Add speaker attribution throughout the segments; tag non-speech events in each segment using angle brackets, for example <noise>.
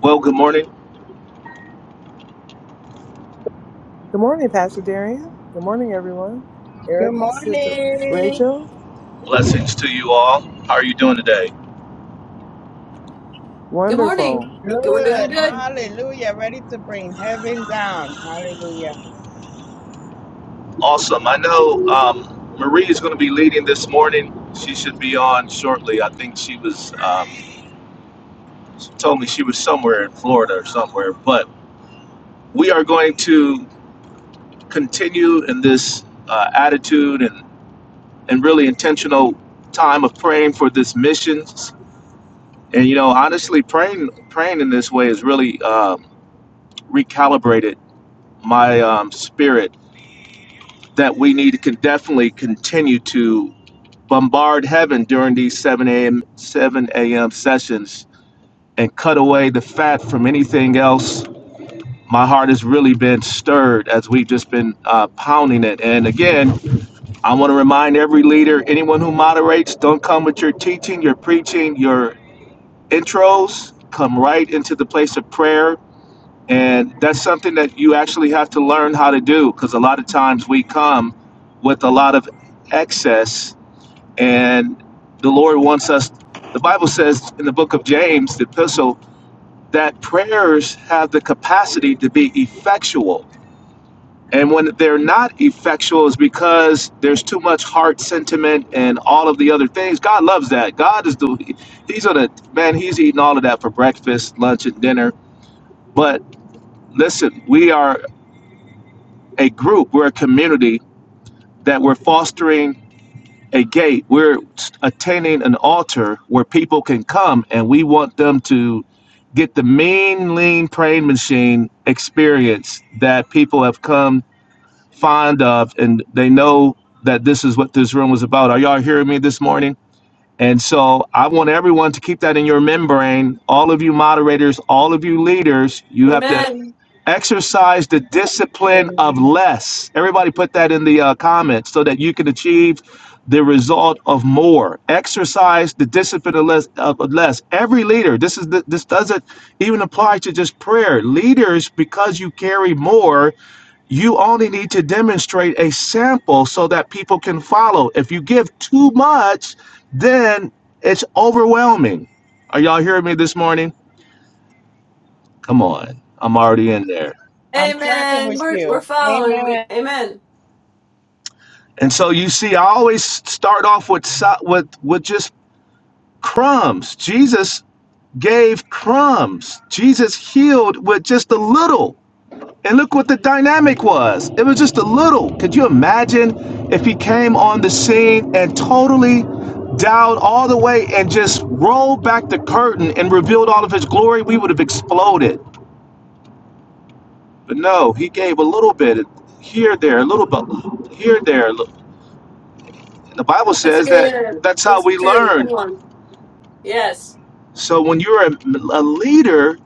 Speaker 1: Well, good morning.
Speaker 2: Good morning, Pastor Darian. Good morning, everyone.
Speaker 3: Good
Speaker 2: Erica, Sister
Speaker 3: morning.
Speaker 2: Rachel.
Speaker 1: Blessings to you all. How are you doing today?
Speaker 4: Good morning.
Speaker 2: Wonderful.
Speaker 4: We're doing
Speaker 3: Good.
Speaker 4: good.
Speaker 3: Hallelujah. Ready to bring heaven down. Hallelujah.
Speaker 1: Awesome. I know um, Marie is going to be leading this morning. She should be on shortly. I think she was um, she told me she was somewhere in Florida or somewhere. But we are going to continue in this uh, attitude and and really intentional time of praying for this missions. And you know, honestly, praying praying in this way has really um, recalibrated my um, spirit that we need to con- definitely continue to bombard heaven during these 7 a.m. 7 a.m. sessions and cut away the fat from anything else. My heart has really been stirred as we've just been uh, pounding it. And again, I want to remind every leader, anyone who moderates, don't come with your teaching, your preaching, your intros. Come right into the place of prayer and that's something that you actually have to learn how to do because a lot of times we come with a lot of excess, and the Lord wants us. The Bible says in the book of James, the epistle, that prayers have the capacity to be effectual. And when they're not effectual, is because there's too much heart sentiment and all of the other things. God loves that. God is the, he's on a, man, he's eating all of that for breakfast, lunch, and dinner. But listen, we are a group, we're a community that we're fostering a gate. We're attaining an altar where people can come and we want them to get the mean, lean praying machine experience that people have come fond of and they know that this is what this room was about. Are y'all hearing me this morning? And so I want everyone to keep that in your membrane. All of you moderators, all of you leaders, you have to
Speaker 4: Amen.
Speaker 1: Exercise the discipline of
Speaker 3: Amen.
Speaker 1: less. Everybody put that in the uh, comments so that you can achieve the result of more. Exercise the discipline of less. Of less. Every leader. This is the, this doesn't even apply to just prayer. Leaders, because you carry more, you only need to demonstrate a sample so that people can follow. If you give too much, then it's overwhelming. Are y'all hearing me this morning? Come on, I'm already in there.
Speaker 3: I'm tracking
Speaker 4: Amen.
Speaker 3: with
Speaker 4: We're,
Speaker 3: you.
Speaker 4: we're following. We,
Speaker 3: Amen.
Speaker 4: amen.
Speaker 1: And so you see, I always start off with so- with with just crumbs. Jesus gave crumbs. Jesus healed with just a little. And look what the dynamic was. It was just a little. Could you imagine if he came on the scene and totally dialed all the way and just rolled back the curtain and revealed all of his glory? We would have exploded. But no, he gave a little bit here, there, a little bit here, there. The Bible
Speaker 4: That's
Speaker 1: says that
Speaker 4: good.
Speaker 1: that's how
Speaker 4: That's
Speaker 1: we
Speaker 4: true.
Speaker 1: learn
Speaker 4: Come on. Yes.
Speaker 1: So when you're a, a leader,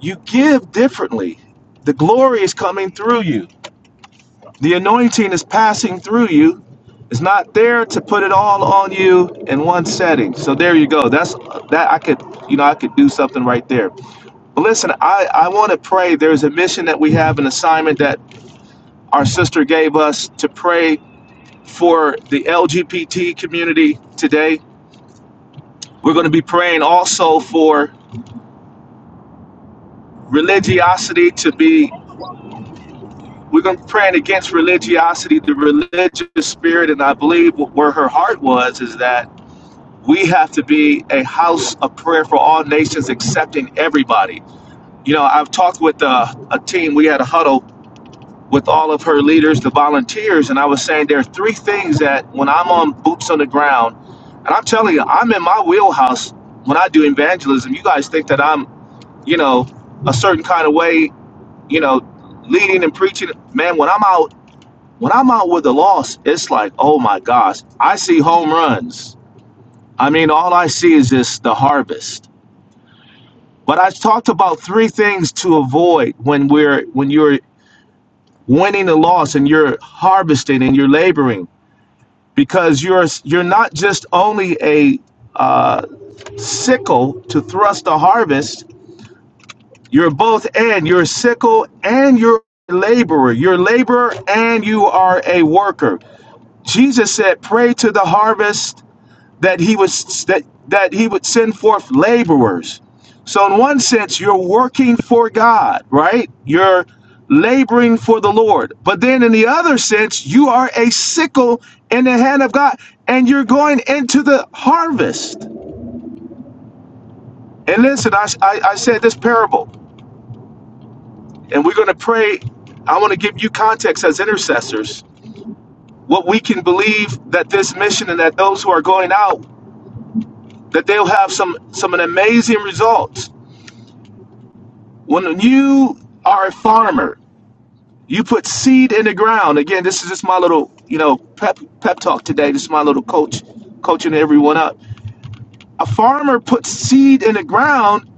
Speaker 1: you give differently. The glory is coming through you. The anointing is passing through you. It's not there to put it all on you in one setting. So there you go. That's that I could, you know, I could do something right there. But listen, I I want to pray. There's a mission that we have, an assignment that our sister gave us to pray for the LGBT community today. We're going to be praying also for religiosity to be We're going to be praying against religiosity, the religious spirit, and I believe where her heart was is that we have to be a house of prayer for all nations, accepting everybody. You know, I've talked with uh a team. We had a huddle with all of her leaders, the volunteers, and I was saying there are three things that when I'm on boots on the ground, and I'm telling you, I'm in my wheelhouse when I do evangelism. You guys think that I'm, you know, a certain kind of way, you know, leading and preaching. Man, when I'm out when I'm out with the loss, it's like, oh my gosh, I see home runs. I mean, all I see is just the harvest. But I talked about three things to avoid when we're when you're winning the loss and you're harvesting and you're laboring because you're you're not just only a uh, sickle to thrust the harvest. You're both and you're a sickle and you're a laborer. You're a laborer and you are a worker. Jesus said, "Pray to the harvest." that he was that that he would send forth laborers. So in one sense, you're working for God, right? You're laboring for the Lord. But then in the other sense, you are a sickle in the hand of God, and you're going into the harvest. And listen, I, I, I said this parable, and we're going to pray. I want to give you context as intercessors, what we can believe that this mission and that those who are going out, that they'll have some some amazing results when you are a farmer, you put seed in the ground. Again, this is just my little, you know, pep pep talk today. This is my little coach coaching everyone up. A farmer puts seed in the ground,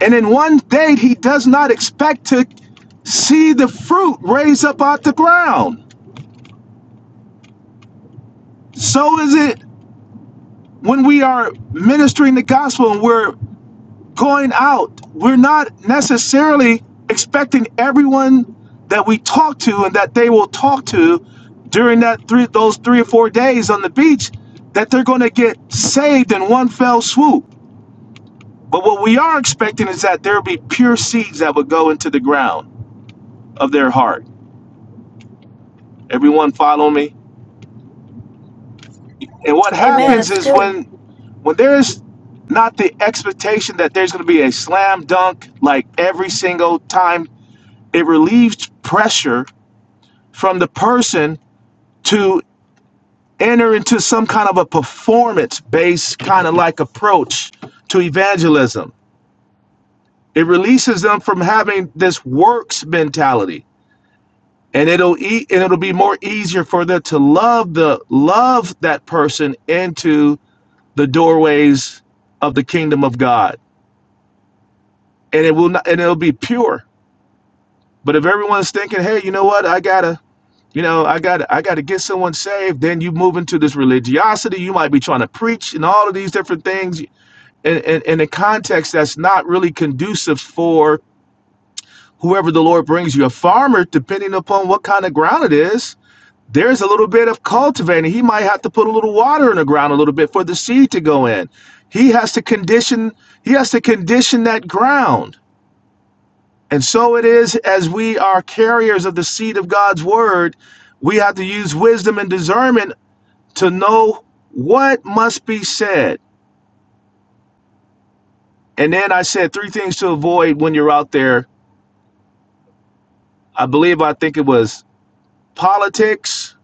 Speaker 1: and in one day he does not expect to see the fruit raise up out the ground. So is it when we are ministering the gospel and we're going out, we're not necessarily expecting everyone that we talk to and that they will talk to during that three those three or four days on the beach that they're going to get saved in one fell swoop. But what we are expecting is that there'll be pure seeds that would go into the ground of their heart. Everyone follow me? And what
Speaker 3: Yeah,
Speaker 4: Amen.
Speaker 1: happens
Speaker 4: That's
Speaker 1: is
Speaker 4: good.
Speaker 1: when when there's not the expectation that there's going to be a slam dunk like every single time it relieves pressure from the person to enter into some kind of a performance based kind of like approach to evangelism. It releases them from having this works mentality and it'll eat and it'll be more easier for them to love the love that person into the doorways of the kingdom of God. And it will not and it'll be pure. But if everyone's thinking, hey, you know what, I gotta You know, I got I got to get someone saved. Then you move into this religiosity. You might be trying to preach and all of these different things, and in, in a context that's not really conducive for whoever the Lord brings you. A farmer, depending upon what kind of ground it is, there's a little bit of cultivating. He might have to put a little water in the ground a little bit for the seed to go in. He has to condition. He has to condition that ground. And so it is as we are carriers of the seed of God's word we have to use wisdom and discernment to know what must be said. And then I said three things to avoid when you're out there. I believe I think it was politics.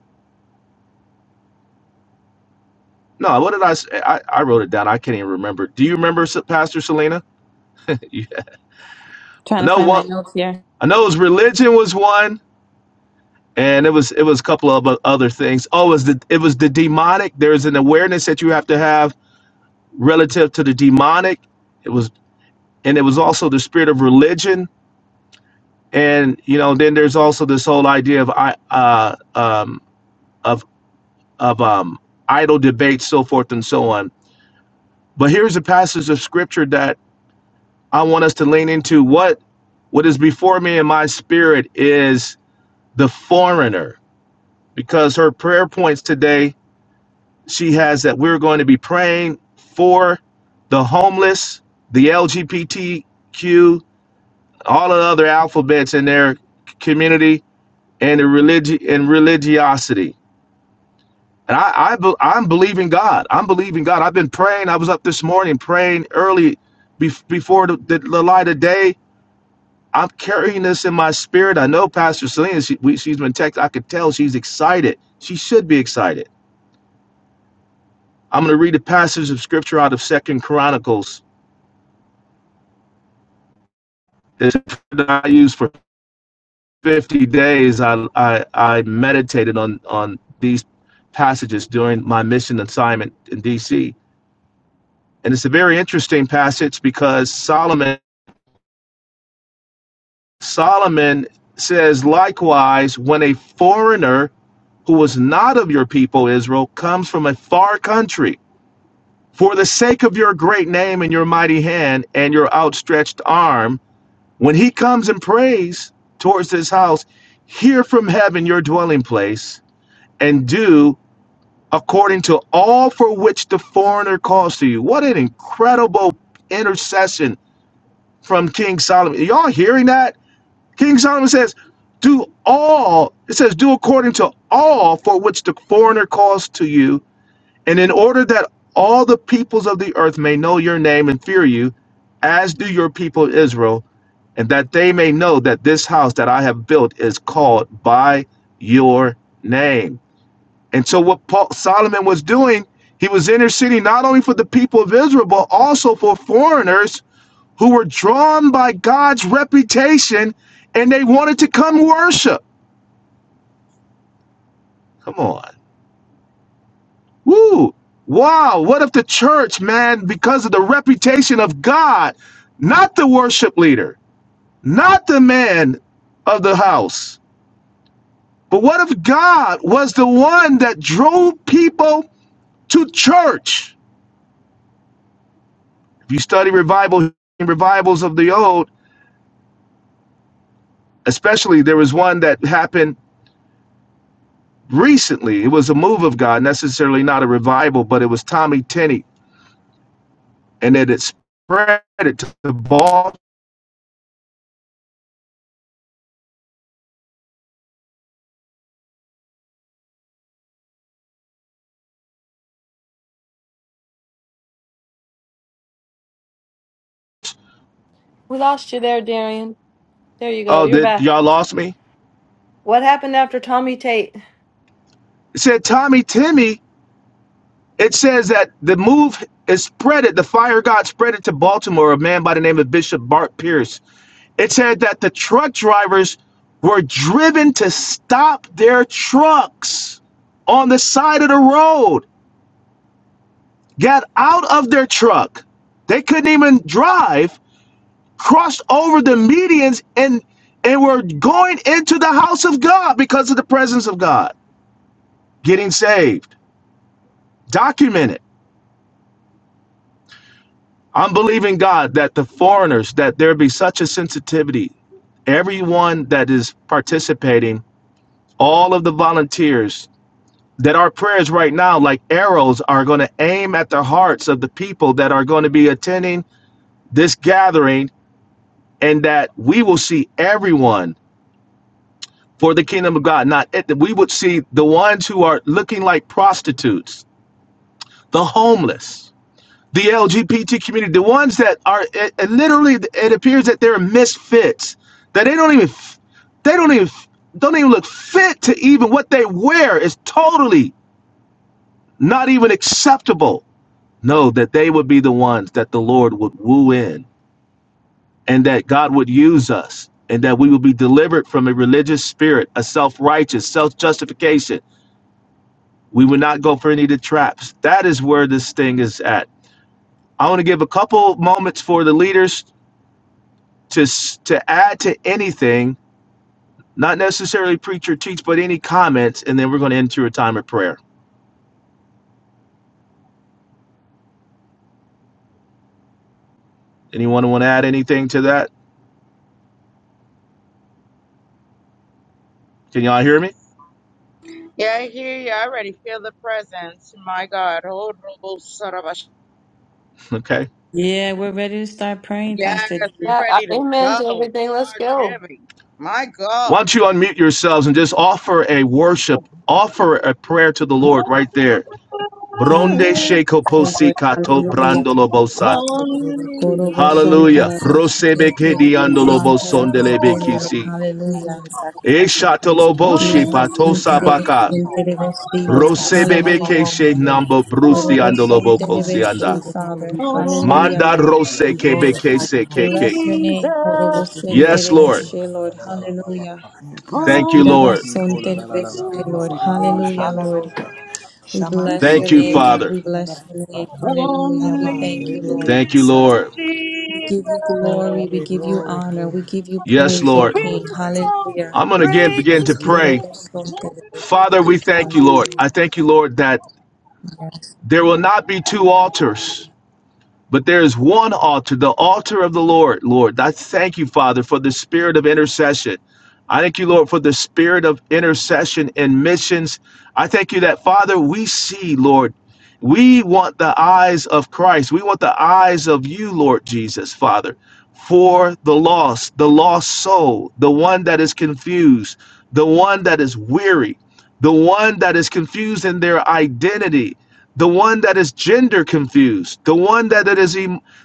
Speaker 1: No, what did I say? I, I wrote it down. I can't even remember. Do you remember Pastor Selena? <laughs> yeah. I
Speaker 5: Trying to
Speaker 1: know
Speaker 5: find my
Speaker 1: one.
Speaker 5: notes here.
Speaker 1: I know it was religion was one, and it was it was a couple of other things. Oh, it was the it was the demonic. There's an awareness that you have to have relative to the demonic. It was and it was also the spirit of religion and you know then there's also this whole idea of i uh um of of um idle debate so forth and so on but here's a passage of scripture that i want us to lean into what what is before me in my spirit is the foreigner because her prayer points today she has that we're going to be praying for the homeless the lgbtq all the other alphabets in their community and the religi- and religiosity And I, I be- I'm believing God. I'm believing God. I've been praying. I was up this morning praying early bef- before the, the, the light of day. I'm carrying this in my spirit. I know Pastor Selena, she, we, she's been texting. I could tell she's excited. She should be excited. I'm going to read a passage of scripture out of Second Chronicles that I used for 50 days. I, I, I meditated on, on these passages during my mission assignment in D.C. And it's a very interesting passage because Solomon Solomon says, likewise, when a foreigner who was not of your people Israel comes from a far country, for the sake of your great name and your mighty hand and your outstretched arm, when he comes and prays towards this house, hear from heaven your dwelling place and do according to all for which the foreigner calls to you. What an incredible intercession from King Solomon. Are Y'all hearing that? King Solomon says, do all, it says, do according to all for which the foreigner calls to you, and in order that all the peoples of the earth may know your name and fear you, as do your people Israel, and that they may know that this house that I have built is called by your name. And so, what Paul, Solomon was doing, he was interceding not only for the people of Israel, but also for foreigners who were drawn by God's reputation and they wanted to come worship. Come on. Woo. Wow. What if the church, man, because of the reputation of God, not the worship leader, not the man of the house, but what if God was the one that drove people to church? If you study revival, revivals of the old, especially there was one that happened recently. It was a move of God, necessarily not a revival, but it was Tommy Tenney, and then it spread it to the ball.
Speaker 4: We lost you there, Darian. There you go.
Speaker 1: Oh,
Speaker 4: You're
Speaker 1: did
Speaker 4: back.
Speaker 1: y'all lost me?
Speaker 4: What happened after Tommy Tate?
Speaker 1: It said Tommy Timmy. It says that the move is spread it. The fire of God spread it to Baltimore. A man by the name of Bishop Bart Pierce. It said that the truck drivers were driven to stop their trucks on the side of the road. Got out of their truck. They couldn't even drive crossed over the medians and and were going into the house of God because of the presence of God, getting saved, documented. I'm believing God that the foreigners that there be such a sensitivity, everyone that is participating, all of the volunteers that our prayers right now like arrows are going to aim at the hearts of the people that are going to be attending this gathering and that we will see everyone for the kingdom of God. Not at the, we would see the ones who are looking like prostitutes, the homeless, the LGBT community, the ones that are it, it literally. It appears that they're misfits. That they don't even they don't even don't even look fit to even what they wear is totally not even acceptable. No, that they would be the ones that the Lord would woo in, and that God would use us, and that we would be delivered from a religious spirit, a self righteous, self justification We would not go for any of the traps. That is where this thing is at. I want to give a couple moments for the leaders to to add to anything, not necessarily preach or teach, but any comments, and then we're going to enter a time of prayer. Anyone want to add anything to that? Can y'all hear me?
Speaker 3: yeah, I hear you. I already feel the presence. My God. Oh, Robo Sarabash.
Speaker 1: Okay.
Speaker 5: Yeah, we're ready to start praying,
Speaker 3: Yes,
Speaker 5: Pastor
Speaker 3: we
Speaker 5: D.
Speaker 4: That- uh,
Speaker 3: ready to
Speaker 4: amen
Speaker 3: go.
Speaker 4: to everything. Let's
Speaker 3: Hard
Speaker 4: go.
Speaker 3: heavy. My God.
Speaker 1: Why don't you unmute yourselves and just offer a worship, offer a prayer to the Lord right there. Bronde sheko posi kato
Speaker 3: <laughs>
Speaker 5: Hallelujah.
Speaker 1: brandolo
Speaker 3: Thank
Speaker 1: bosa.
Speaker 3: you.
Speaker 2: You
Speaker 5: Korobo son
Speaker 1: Hallelujah.
Speaker 5: tarabashe,
Speaker 1: Brosebe kedi
Speaker 5: kerebe
Speaker 1: andolo
Speaker 5: sin
Speaker 1: bosondele
Speaker 5: tarabashe, Lord,
Speaker 1: bekisi.
Speaker 2: did
Speaker 5: hallelujah.
Speaker 2: a sacrifice of praise, oh
Speaker 1: Eshatolobo
Speaker 2: God. We thank
Speaker 1: patosa
Speaker 2: you, Lord
Speaker 5: Kilabasante
Speaker 2: God.
Speaker 5: rebe
Speaker 1: baka.
Speaker 5: sin terebe si, Lord,
Speaker 1: Rose bebe
Speaker 5: hallelujah.
Speaker 1: keshe nambo brusi
Speaker 5: Korobo son
Speaker 1: andolobo
Speaker 5: terebe shi,
Speaker 1: kosianda.
Speaker 5: Father,
Speaker 2: We bless you.
Speaker 5: hallelujah,
Speaker 1: Manda
Speaker 5: Lord.
Speaker 1: rose
Speaker 2: We
Speaker 6: Yada la
Speaker 1: kebe
Speaker 6: kala
Speaker 2: glorify
Speaker 6: la
Speaker 2: you,
Speaker 1: kese
Speaker 2: Lord God.
Speaker 1: keke.
Speaker 5: Bless your name,
Speaker 2: We
Speaker 5: Korobo
Speaker 2: thank you for
Speaker 5: sin
Speaker 2: your
Speaker 1: Yes,
Speaker 6: yando
Speaker 5: terebe
Speaker 1: Lord.
Speaker 6: kola
Speaker 2: presence.
Speaker 5: she,
Speaker 6: la
Speaker 5: Lord,
Speaker 6: la la la la la ba ba
Speaker 5: hallelujah.
Speaker 2: In your
Speaker 6: ba.
Speaker 1: Thank
Speaker 2: presence,
Speaker 1: you,
Speaker 5: Iraba
Speaker 2: Lord,
Speaker 1: Lord.
Speaker 2: so
Speaker 6: Iko la
Speaker 2: join
Speaker 6: la
Speaker 2: us
Speaker 6: la
Speaker 2: in
Speaker 5: terebe
Speaker 6: la la
Speaker 5: si,
Speaker 6: ba ba
Speaker 5: Lord,
Speaker 2: for
Speaker 6: ba
Speaker 2: your
Speaker 6: ba ba
Speaker 2: move.
Speaker 5: hallelujah,
Speaker 6: shanda la
Speaker 5: Lord.
Speaker 6: la la
Speaker 2: Adarota,
Speaker 6: la la la la
Speaker 5: We
Speaker 6: la la ba
Speaker 2: Shamanda,
Speaker 5: bless
Speaker 6: ba
Speaker 5: your
Speaker 1: Thank
Speaker 6: ba
Speaker 1: you,
Speaker 2: Rebe,
Speaker 5: name, God.
Speaker 6: shita.
Speaker 1: Father.
Speaker 5: We bless your
Speaker 2: Kitarabusa,
Speaker 5: name.
Speaker 6: Yando
Speaker 5: Hallelujah. We
Speaker 3: Only
Speaker 6: kola
Speaker 2: Ama,
Speaker 6: la la
Speaker 5: thank
Speaker 6: la
Speaker 5: you,
Speaker 6: la la
Speaker 2: Rebe,
Speaker 6: la
Speaker 5: Lord.
Speaker 2: Rebe,
Speaker 1: Thank you,
Speaker 3: you, only you,
Speaker 1: Lord.
Speaker 6: la la la la la
Speaker 2: Sataya.
Speaker 5: We
Speaker 6: la
Speaker 5: give
Speaker 6: la
Speaker 5: you
Speaker 3: Jesus.
Speaker 5: glory. We
Speaker 2: Glory,
Speaker 6: la ba ba
Speaker 5: give
Speaker 6: ba
Speaker 5: you
Speaker 6: ba ba
Speaker 2: glory,
Speaker 5: honor. We
Speaker 2: glory,
Speaker 5: give
Speaker 6: ba
Speaker 5: you
Speaker 6: ba.
Speaker 1: Yes,
Speaker 5: praise,
Speaker 3: Open
Speaker 5: O
Speaker 1: Lord.
Speaker 6: Shita la
Speaker 5: King.
Speaker 3: the
Speaker 2: glory
Speaker 6: kaya
Speaker 2: to
Speaker 6: la la
Speaker 2: you.
Speaker 6: la
Speaker 3: scroll,
Speaker 6: la
Speaker 5: Hallelujah.
Speaker 1: I'm going
Speaker 2: We
Speaker 1: to
Speaker 6: la
Speaker 2: give you
Speaker 1: again
Speaker 3: break
Speaker 1: begin
Speaker 3: the
Speaker 1: to
Speaker 2: praise. We
Speaker 6: yata.
Speaker 2: thank
Speaker 1: pray.
Speaker 3: seal,
Speaker 1: Father, we thank you, Lord. I
Speaker 5: Hallelujah.
Speaker 1: thank you, Lord, that
Speaker 5: Yes,
Speaker 1: there will not be two altars. But there is one altar, the altar of the Lord. Lord, I thank you, Father, for the spirit of intercession. I thank you, Lord, for the spirit of intercession and missions. I thank you that, Father, we see, Lord, we want the eyes of Christ. We want the eyes of you, Lord Jesus, Father, for the lost, the lost soul, the one that is confused, the one that is weary, the one that is confused in their identity the one that is gender confused, the one that is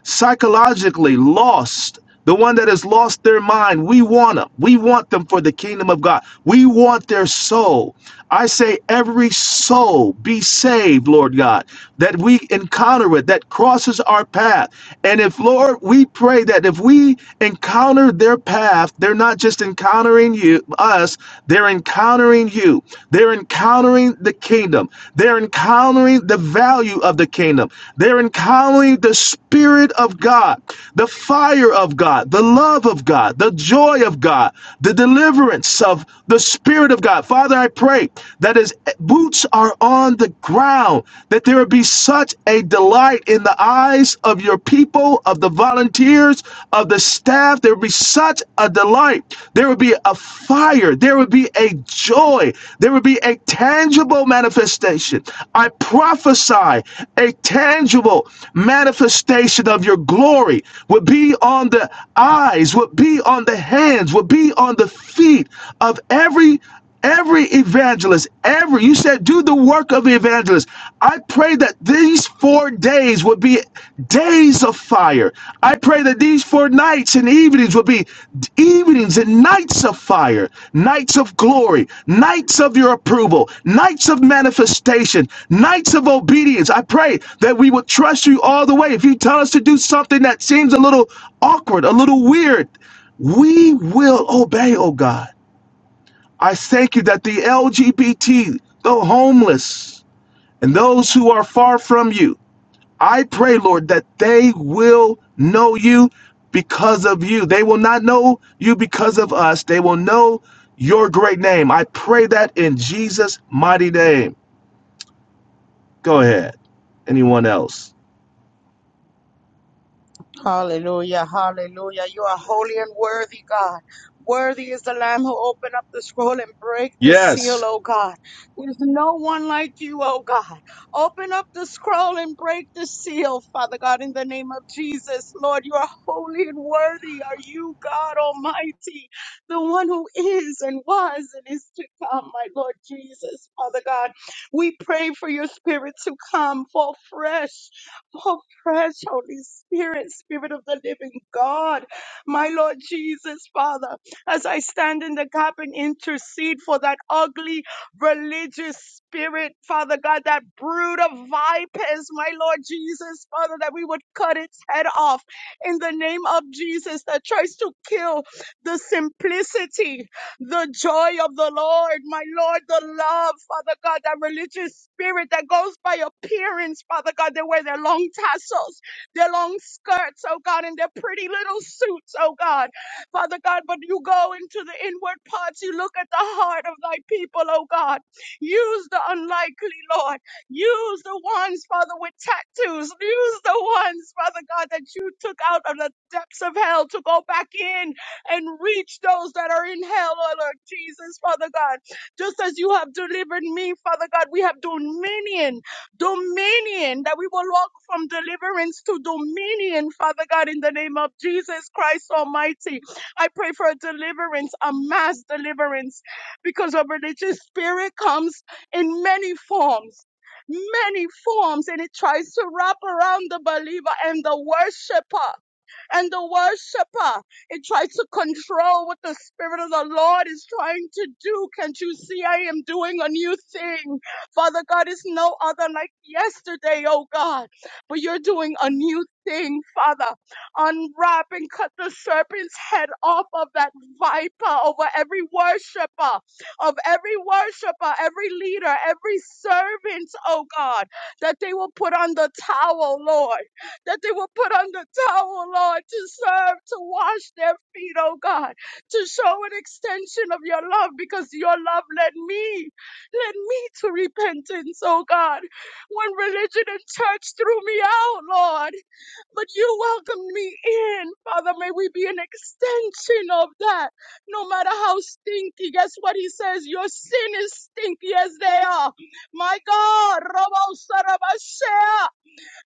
Speaker 1: psychologically lost, the one that has lost their mind. We want them. We want them for the kingdom of God. We want their soul. I say, every soul be saved, Lord God, that we encounter it, that crosses our path. And if, Lord, we pray that if we encounter their path, they're not just encountering you you us they're encountering you they're encountering the kingdom they're encountering the value of the kingdom they're encountering the spirit of god the fire of god the love of god the joy of god the deliverance of the spirit of god father i pray that as boots are on the ground that there would be such a delight in the eyes of your your people, of the volunteers, of the staff. There would be such a delight. There would be a fire. There would be a joy. There would be a tangible manifestation. I prophesy a tangible manifestation of your glory would be on the eyes, would be on the hands, would be on the feet of every. Every evangelist, every, you said, do the work of the evangelist. I pray that these four days would be days of fire. I pray that these four nights and evenings would be evenings and nights of fire, nights of glory, nights of your approval, nights of manifestation, nights of obedience. I pray that we would trust you all the way. If you tell us to do something that seems a little awkward, a little weird, we will obey, oh God. I thank you that the LGBT, the homeless, and those who are far from you, I pray, Lord, that they will know you because of you. They will not know you because of us. They will know your great name. I pray that in Jesus' mighty name. Go ahead. Anyone else?
Speaker 3: Hallelujah, hallelujah. You are holy and worthy, God. Worthy is the Lamb who opened up the scroll and break the seal,
Speaker 1: Yes.
Speaker 3: oh God. There's no one like you, oh God. Open up the scroll and break the seal, Father God, in the name of Jesus. Lord, you are holy and worthy. Are you, God Almighty, the one who is and was and is to come, my Lord Jesus, Father God? We pray for your spirit to come, fall fresh fresh Holy Spirit, Spirit of the living God. My Lord Jesus, Father, as I stand in the gap and intercede for that ugly religious spirit, Father God, that brood of vipers, my Lord Jesus, Father, that we would cut its head off in the name of Jesus that tries to kill the simplicity the joy of the Lord, my Lord, the love, Father God, that religious spirit that goes by appearance, Father God. They wear their long tassels, their long skirts, oh God, and their pretty little suits, oh God. Father God, but you go into the inward parts, you look at the heart of thy people, oh God. Use the unlikely, Lord. Use the ones, Father, with tattoos. Use the ones, Father God, that you took out of the depths of hell to go back in and reach those that are in hell, oh Lord Jesus, Father God. Just as you have delivered me, Father God, we have dominion, dominion, that we will walk from deliverance to dominion, Father God, in the name of Jesus Christ Almighty. I pray for a deliverance, a mass deliverance, because a religious spirit comes in many forms many forms and it tries to wrap around the believer and the worshiper and the worshiper. It tries to control what the Spirit of the Lord is trying to do. Can't you see I am doing a new thing? Father God is no other like yesterday, oh God. But you're doing a new thing, Father. Unwrap and cut the serpent's head off of that viper over every worshiper, of every worshiper, every leader, every servant, oh God, that they will put on the towel, Lord that they will put on the towel, Lord, to serve, to wash their feet, oh God, to show an extension of your love because your love led me, led me to repentance, oh God, when religion and church threw me out, Lord, but you welcomed me in. Father, may we be an extension of that, no matter how stinky. Guess what he says? Your sin is stinky as they are. My God, Robo Sarabashea,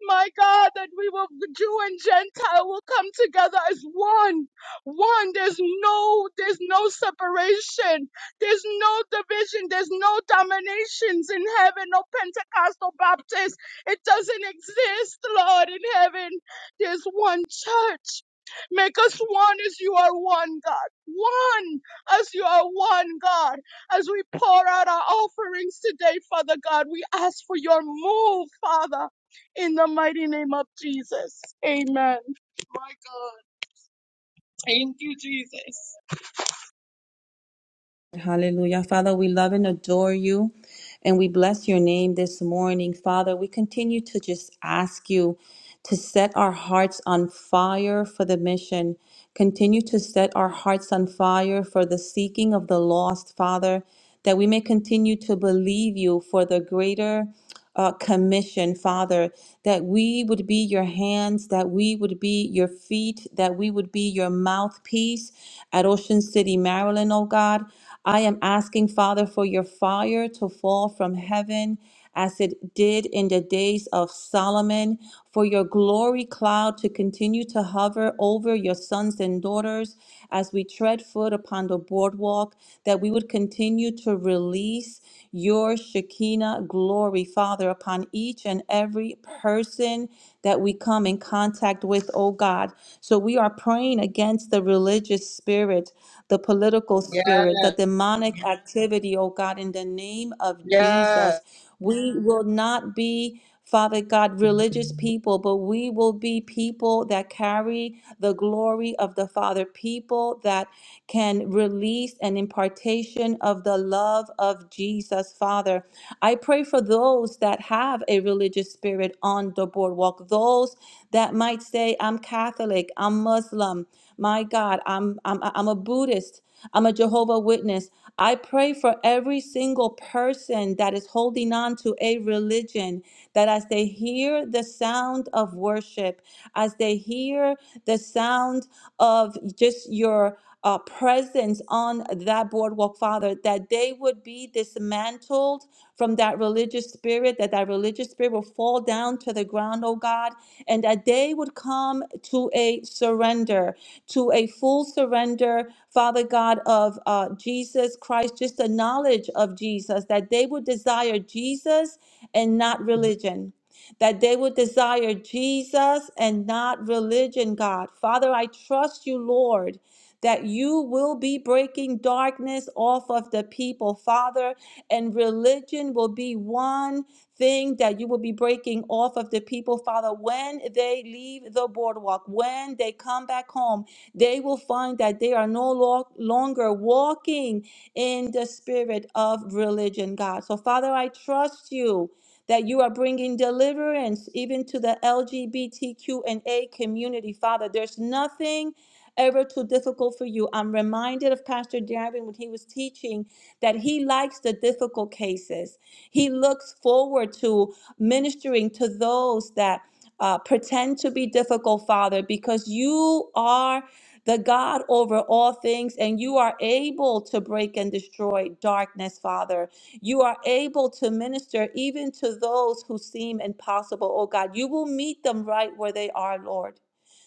Speaker 3: my God, that we will, Jew and Gentile will come together as one. One. There's no, there's no separation. There's no division. There's no dominations in heaven. No Pentecostal Baptist. It doesn't exist, Lord, in heaven. There's one church. Make us one as you are one, God. One as you are one, God. As we pour out our offerings today, Father God, we ask for your move, Father, in the mighty name of Jesus. Amen. My God. Thank you, Jesus.
Speaker 5: Hallelujah. Father, we love and adore you and we bless your name this morning. Father, we continue to just ask you to set our hearts on fire for the mission. Continue to set our hearts on fire for the seeking of the lost, Father, that we may continue to believe you for the greater uh, commission, Father, that we would be your hands, that we would be your feet, that we would be your mouthpiece at Ocean City, Maryland, oh God. I am asking, Father, for your fire to fall from heaven as it did in the days of Solomon, for your glory cloud to continue to hover over your sons and daughters as we tread foot upon the boardwalk, that we would continue to release your Shekinah glory, Father, upon each and every person that we come in contact with, oh God. So we are praying against the religious spirit, the political
Speaker 3: Yes.
Speaker 5: spirit, the demonic Yes. activity, oh God, in the name of
Speaker 3: Yes.
Speaker 5: Jesus. We will not be. Father God, religious people, but we will be people that carry the glory of the Father, people that can release an impartation of the love of Jesus, Father. I pray for those that have a religious spirit on the boardwalk, those that might say, I'm Catholic, I'm Muslim, my God, I'm, I'm, I'm a Buddhist. I'm a Jehovah Witness. I pray for every single person that is holding on to a religion that as they hear the sound of worship, as they hear the sound of just your uh, presence on that boardwalk, Father, that they would be dismantled dismantled from that religious spirit, that that religious spirit will fall down to the ground, oh God, and that they would come to a surrender, to a full surrender, Father God, of uh, Jesus Christ, just the knowledge of Jesus, that they would desire Jesus and not religion that they would desire Jesus and not religion, God. Father, I trust you, Lord, that you will be breaking darkness off of the people, Father, and religion will be one thing that you will be breaking off of the people, Father, when they leave the boardwalk, when they come back home, they will find that they are no lo- longer walking in the spirit of religion, God. So, Father, I trust you that you are bringing deliverance even to the LGBTQ and A community, Father. There's nothing ever too difficult for you. I'm reminded of Pastor Darren when he was teaching that he likes the difficult cases. He looks forward to ministering to those that uh, pretend to be difficult, Father, because you are the God over all things, and you are able to break and destroy darkness, Father. You are able to minister even to those who seem impossible, oh God. You will meet them right where they are, Lord.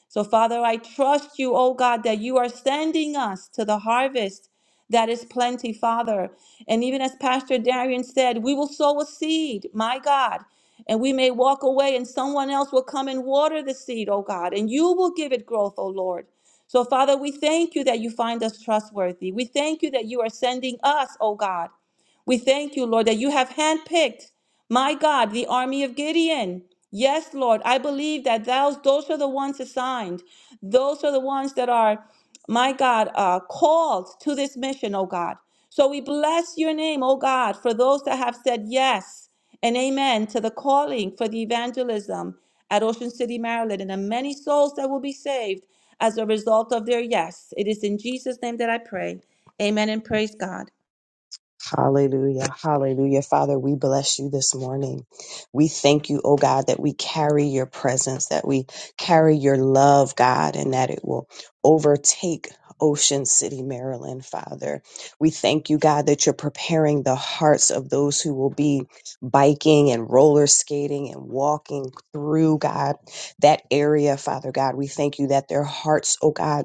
Speaker 5: So, Father, I trust you, oh God, that you are sending us to the harvest that is plenty, Father. And even as Pastor Darian said, we will sow a seed, my God, and we may walk away and someone else will come and water the seed, oh God, and you will give it growth, oh Lord. So, Father, we thank you that you find us trustworthy. We thank you that you are sending us, oh God. We thank you, Lord, that you have handpicked, my God, the army of Gideon. Yes, Lord, I believe that those, those are the ones assigned. Those are the ones that are, my God, uh, called to this mission, oh God. So we bless your name, oh God, for those that have said yes and amen to the calling for the evangelism at Ocean City, Maryland, and the many souls that will be saved as a result of their yes. It is in Jesus' name that I pray. Amen and praise God.
Speaker 7: Hallelujah. Hallelujah. Father, we bless you this morning. We thank you, oh God, that we carry your presence, that we carry your love, God, and that it will overtake Ocean City, Maryland, Father. We thank you, God, that you're preparing the hearts of those who will be biking and roller skating and walking through, God, that area, Father God. We thank you that their hearts, oh God,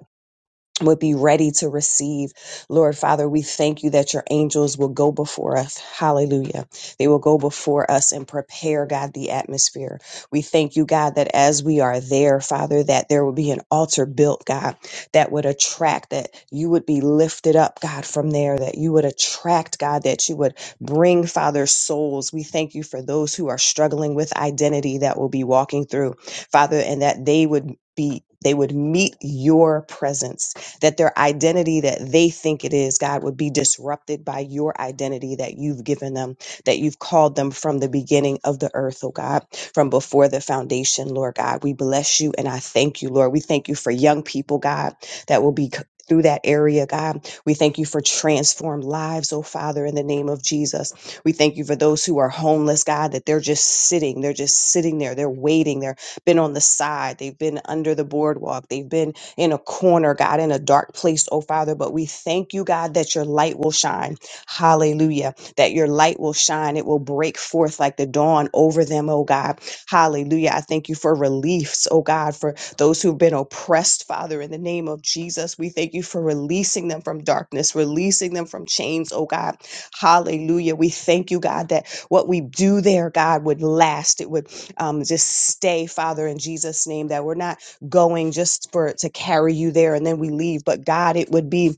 Speaker 7: would be ready to receive. Lord Father, we thank you that your angels will go before us. Hallelujah. They will go before us and prepare, God, the atmosphere. We thank you, God, that as we are there, Father, that there will be an altar built, God, that would attract, that you would be lifted up, God, from there, that you would attract, God, that you would bring, Father, souls. We thank you for those who are struggling with identity that will be walking through, Father, and that they would be. They would meet your presence that their identity that they think it is, God, would be disrupted by your identity that you've given them, that you've called them from the beginning of the earth, oh God, from before the foundation, Lord God. We bless you and I thank you, Lord. We thank you for young people, God, that will be. c- Through that area, God. We thank you for transformed lives, oh Father, in the name of Jesus. We thank you for those who are homeless, God, that they're just sitting. They're just sitting there. They're waiting. they have been on the side. They've been under the boardwalk. They've been in a corner, God, in a dark place, oh Father. But we thank you, God, that your light will shine. Hallelujah. That your light will shine. It will break forth like the dawn over them, oh God. Hallelujah. I thank you for reliefs, oh God, for those who've been oppressed, Father, in the name of Jesus. We thank you for releasing them from darkness, releasing them from chains, oh God. Hallelujah. We thank you, God, that what we do there, God, would last. It would um, just stay, Father, in Jesus' name, that we're not going just for to carry you there and then we leave but god it would be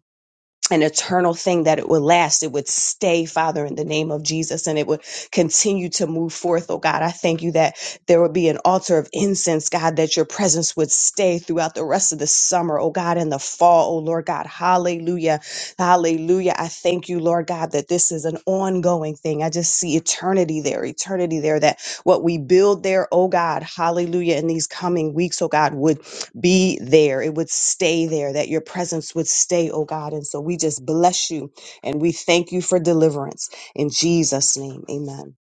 Speaker 7: an eternal thing that it would last it would stay father in the name of jesus and it would continue to move forth oh god i thank you that there would be an altar of incense god that your presence would stay throughout the rest of the summer oh god in the fall oh lord god hallelujah hallelujah i thank you lord god that this is an ongoing thing i just see eternity there eternity there that what we build there oh god hallelujah in these coming weeks oh god would be there. It would stay there, that your presence would stay, oh God. And so we just bless you and we thank you for deliverance. In Jesus' name, amen.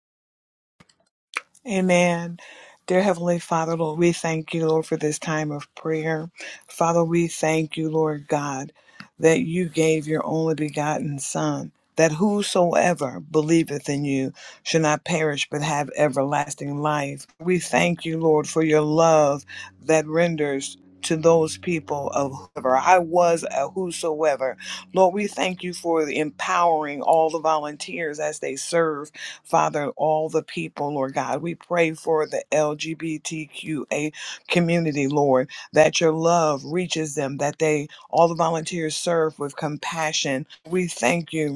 Speaker 2: you. Amen. Dear Heavenly Father, Lord, we thank you, Lord, for this time of prayer. Father, we thank you, Lord God, that you gave your only begotten Son, that whosoever believeth in you should not perish but have everlasting life. We thank you, Lord, for your love that renders to those people of whoever I was a whosoever. Lord, we thank you for empowering all the volunteers as they serve Father, all the people, Lord God. We pray for the LGBTQA community, Lord, that your love reaches them, that they, all the volunteers, serve with compassion. We thank you,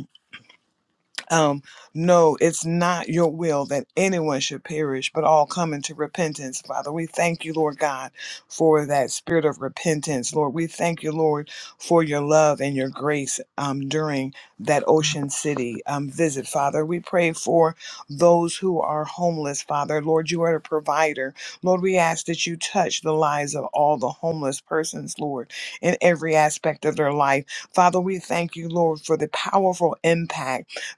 Speaker 2: um, no, it's not your will that anyone should perish, but all come into repentance. Father, we thank you, Lord God, for that spirit of repentance. Lord, we thank you, Lord, for your love and your grace um, during that Ocean City um, visit, Father. We pray for those who are homeless, Father. Lord, you are the provider. Lord, we ask that you touch the lives of all the homeless persons, Lord, in every aspect of their life. Father, we thank you, Lord, for the powerful impact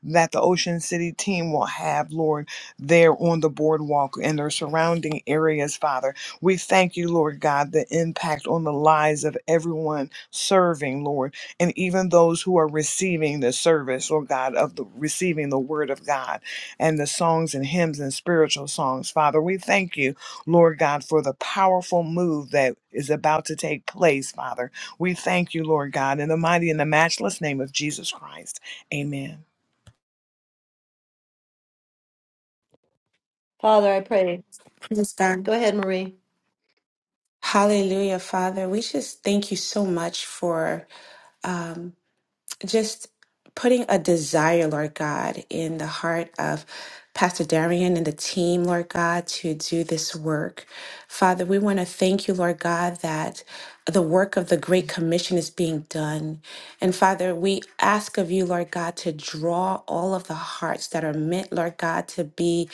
Speaker 2: that the Ocean City team will have, Lord, there on the boardwalk and their surrounding areas, Father. We thank you, Lord God, the impact on the lives of everyone serving, Lord, and even those who are receiving the service, Lord God, of the receiving the word of God and the songs and hymns and spiritual songs, Father. We thank you, Lord God, for the powerful move that is about to take place, Father. We thank you, Lord God, in the mighty and the matchless name of Jesus Christ. Amen.
Speaker 4: Father, I pray.
Speaker 8: Praise
Speaker 4: Go
Speaker 8: God.
Speaker 4: ahead, Marie.
Speaker 8: Hallelujah, Father. We just thank you so much for um, just putting a desire, Lord God, in the heart of Pastor Darian and the team, Lord God, to do this work. Father, we want to thank you, Lord God, that the work of the Great Commission is being done. And Father, we ask of you, Lord God, to draw all of the hearts that are meant, Lord God, to be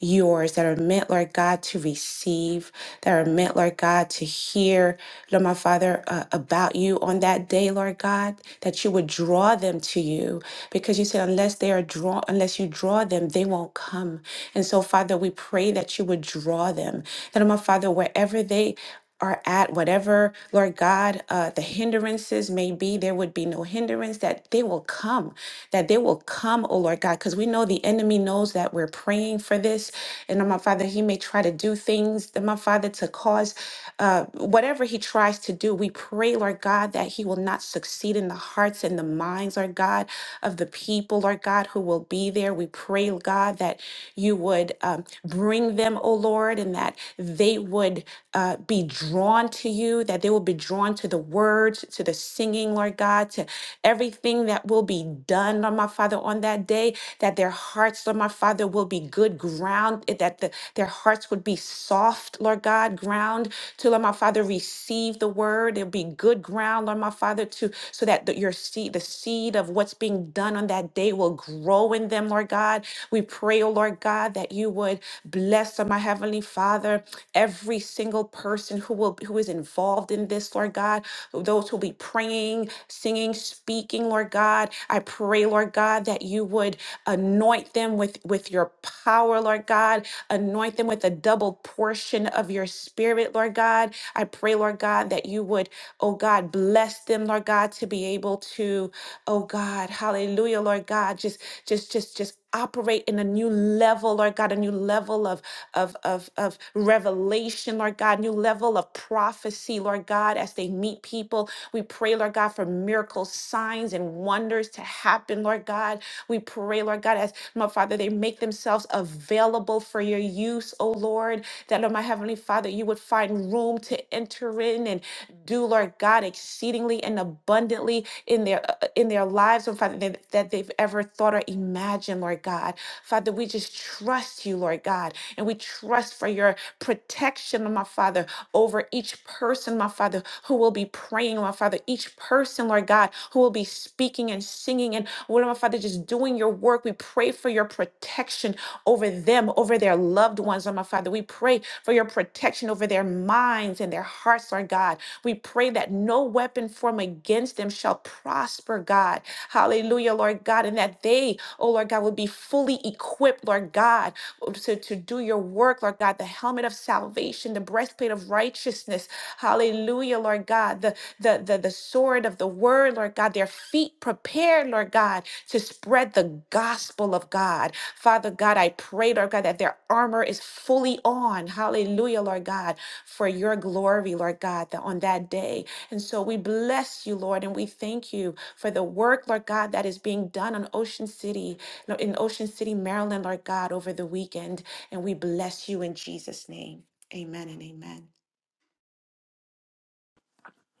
Speaker 8: yours that are meant, Lord God, to receive, that are meant, Lord God, to hear, Lord my Father, uh, about you on that day, Lord God, that you would draw them to you. Because you said, unless they are drawn, unless you draw them, they won't come. And so, Father, we pray that you would draw them. That, Lord my Father, wherever they are at, whatever, Lord God, uh, the hindrances may be, there would be no hindrance, that they will come, that they will come, oh Lord God, because we know the enemy knows that we're praying for this. And oh, my Father, he may try to do things, oh, my Father, to cause uh, whatever he tries to do. We pray, Lord God, that he will not succeed in the hearts and the minds, Lord God, of the people, Lord God, who will be there. We pray, God, that you would um, bring them, oh Lord. Lord, and that they would uh, be drawn to you, that they will be drawn to the words, to the singing, Lord God, to everything that will be done, Lord my Father, on that day, that their hearts, Lord my Father, will be good ground, eh, that the, their hearts would be soft, Lord God, ground to, Lord my Father, receive the word. It'll be good ground, Lord my Father, to so that the, your seed, the seed of what's being done on that day will grow in them, Lord God. We pray, oh Lord. Lord God, that you would bless, oh my Heavenly Father, every single person who will who is involved in this, Lord God, those who will be praying, singing, speaking, Lord God. I pray, Lord God, that you would anoint them with, with your power, Lord God. Anoint them with a double portion of your spirit, Lord God. I pray, Lord God, that you would, oh God, bless them, Lord God, to be able to, oh God, hallelujah, Lord God, just just just just operate in a new level, Lord God, a new level of, of, of, of revelation, Lord God, new level of prophecy, Lord God, as they meet people. We pray, Lord God, for miracles, signs, and wonders to happen, Lord God. We pray, Lord God, as my Father, they make themselves available for your use, oh Lord, that, Lord, my Heavenly Father, you would find room to enter in and do, Lord God, exceedingly and abundantly in their in their lives, oh Father, that, that they've ever thought or imagined, Lord God. Father, we just trust you, Lord God, and we trust for your protection, my Father, over each person, my Father, who will be praying, my Father, each person, Lord God, who will be speaking and singing and, Lord, my Father, just doing your work. We pray for your protection over them, over their loved ones, oh my Father. We pray for your protection over their minds and their hearts, our God. We pray that no weapon formed against them shall prosper, God. Hallelujah, Lord God, and that they, oh Lord God, will be fully equipped, Lord God, to, to do your work, Lord God, the helmet of salvation, the breastplate of righteousness. Hallelujah, Lord God God, the, the, the, the sword of the word, Lord God, their feet prepared, Lord God, to spread the gospel of God. Father God, I pray, Lord God, that their armor is fully on. Hallelujah, Lord God, for your glory, Lord God, that on that day. And so we bless you, Lord, and we thank you for the work, Lord God, that is being done on Ocean City, no, in Ocean City, Maryland, Lord God, over the weekend. And we bless you in Jesus' name. Amen and amen.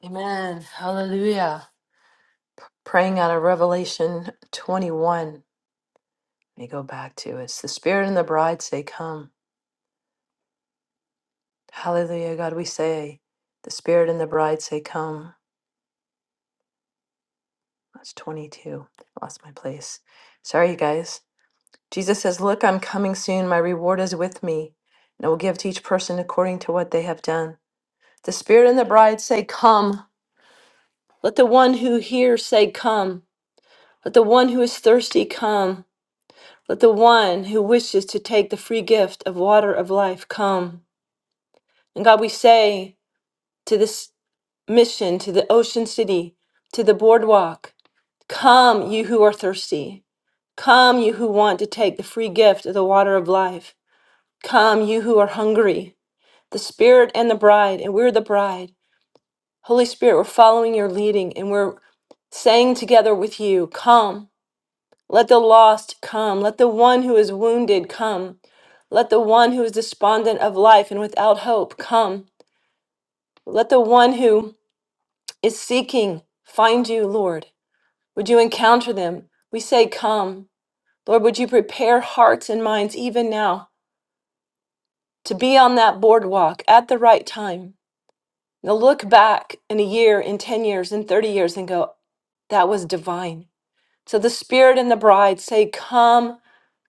Speaker 4: Amen. Hallelujah. Praying out of Revelation 21. Let me go back to it. It's the Spirit and the bride say, Come. Hallelujah, God, we say, the Spirit and the bride say, Come. That's 22. Lost my place. Sorry, you guys. Jesus says, Look, I'm coming soon. My reward is with me, and I will give to each person according to what they have done. The Spirit and the bride say, Come. Let the one who hears say, Come. Let the one who is thirsty come. Let the one who wishes to take the free gift of water of life come. And God, we say to this mission, to the ocean city, to the boardwalk. Come, you who are thirsty. Come, you who want to take the free gift of the water of life. Come, you who are hungry. The Spirit and the bride, and we're the bride. Holy Spirit, we're following your leading, and we're saying together with you, Come. Let the lost come. Let the one who is wounded come. Let the one who is despondent of life and without hope come. Let the one who is seeking find you, Lord. Would you encounter them? We say, Come. Lord, would you prepare hearts and minds even now to be on that boardwalk at the right time? Now look back in a year, in 10 years, in 30 years and go, that was divine. So the Spirit and the bride say, Come,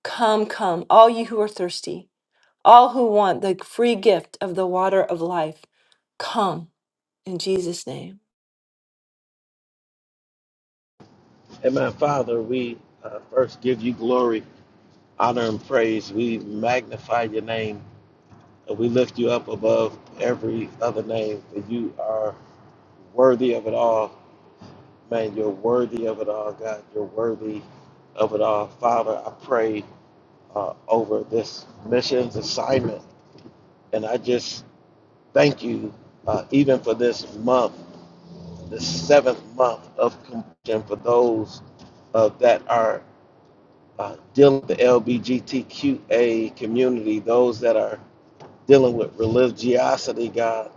Speaker 4: come, come, all you who are thirsty, all who want the free gift of the water of life, come in Jesus' name.
Speaker 9: And my Father, we uh, first give you glory, honor, and praise. We magnify your name and we lift you up above every other name, for you are worthy of it all. Man, you're worthy of it all, God. You're worthy of it all. Father, I pray uh, over this missions assignment, and I just thank you uh, even for this month, the seventh month of completion for those uh, that are uh, dealing with the LGBTQA community, those that are dealing with religiosity, God,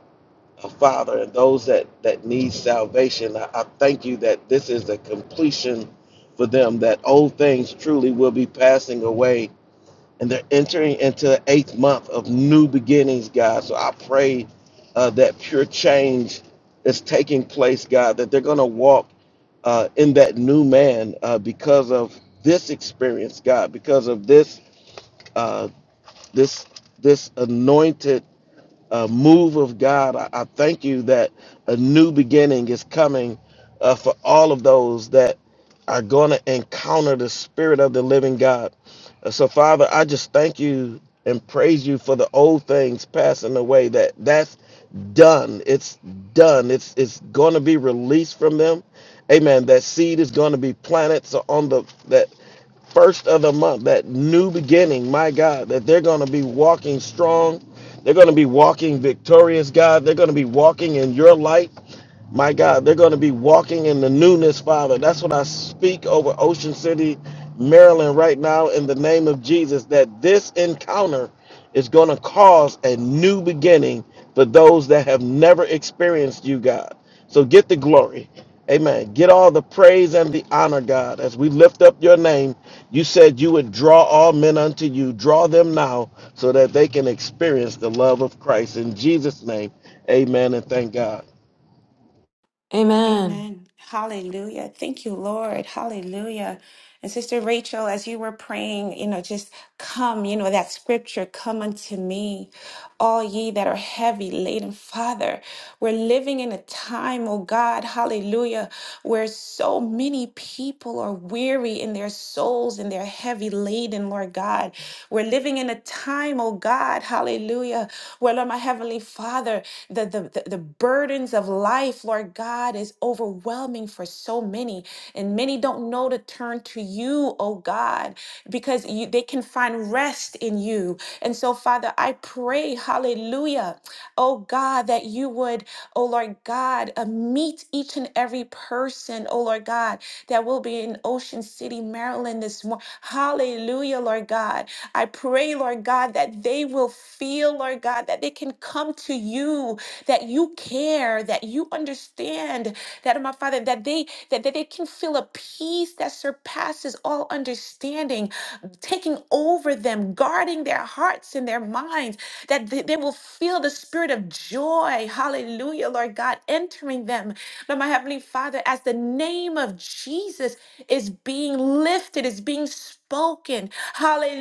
Speaker 9: uh, Father, and those that, that need salvation. I, I thank you that this is the completion for them, that old things truly will be passing away, and they're entering into the eighth month of new beginnings, God. So I pray uh, that pure change is taking place, God, that they're going to walk uh, in that new man uh, because of this experience, God, because of this uh, this this anointed uh, move of God. I, I thank you that a new beginning is coming uh, for all of those that are going to encounter the Spirit of the living God. Uh, so, Father, I just thank you and praise you for the old things passing away. That that's done. It's done. It's it's going to be released from them. Amen. That seed is going to be planted. So on the that first of the month, that new beginning, my God, that they're going to be walking strong. They're going to be walking victorious, God. They're going to be walking in your light. My God, they're going to be walking in the newness, Father. That's what I speak over Ocean City, Maryland, right now, in the name of Jesus, that this encounter is going to cause a new beginning for those that have never experienced you, God. So get the glory. Amen. Get all the praise and the honor, God. As we lift up your name, you said you would draw all men unto you. Draw them now so that they can experience the love of Christ. In Jesus' name, amen and thank God.
Speaker 4: Amen.
Speaker 8: Amen. Hallelujah. Thank you, Lord. Hallelujah. And Sister Rachel, as you were praying, you know, just come, you know, that scripture, come unto me, all ye that are heavy laden. Father, we're living in a time, oh God, hallelujah, where so many people are weary in their souls and they're heavy laden, Lord God. We're living in a time, oh God, hallelujah, where, Lord, my Heavenly Father, the, the, the burdens of life, Lord God, is overwhelming for so many. And many don't know to turn to you, oh God, because you, they can find rest in you. And so, Father, I pray, hallelujah, oh God, that you would, oh Lord God, uh, meet each and every person, oh Lord God, that will be in Ocean City, Maryland this morning. Hallelujah, Lord God. I pray, Lord God, that they will feel feel, Lord God, that they can come to you, that you care, that you understand, that my Father, that they that, that they can feel a peace that surpasses all understanding, taking over them, guarding their hearts and their minds, that they, they will feel the spirit of joy, hallelujah, Lord God, entering them. Lord, my Heavenly Father, as the name of Jesus is being lifted, is being spoken,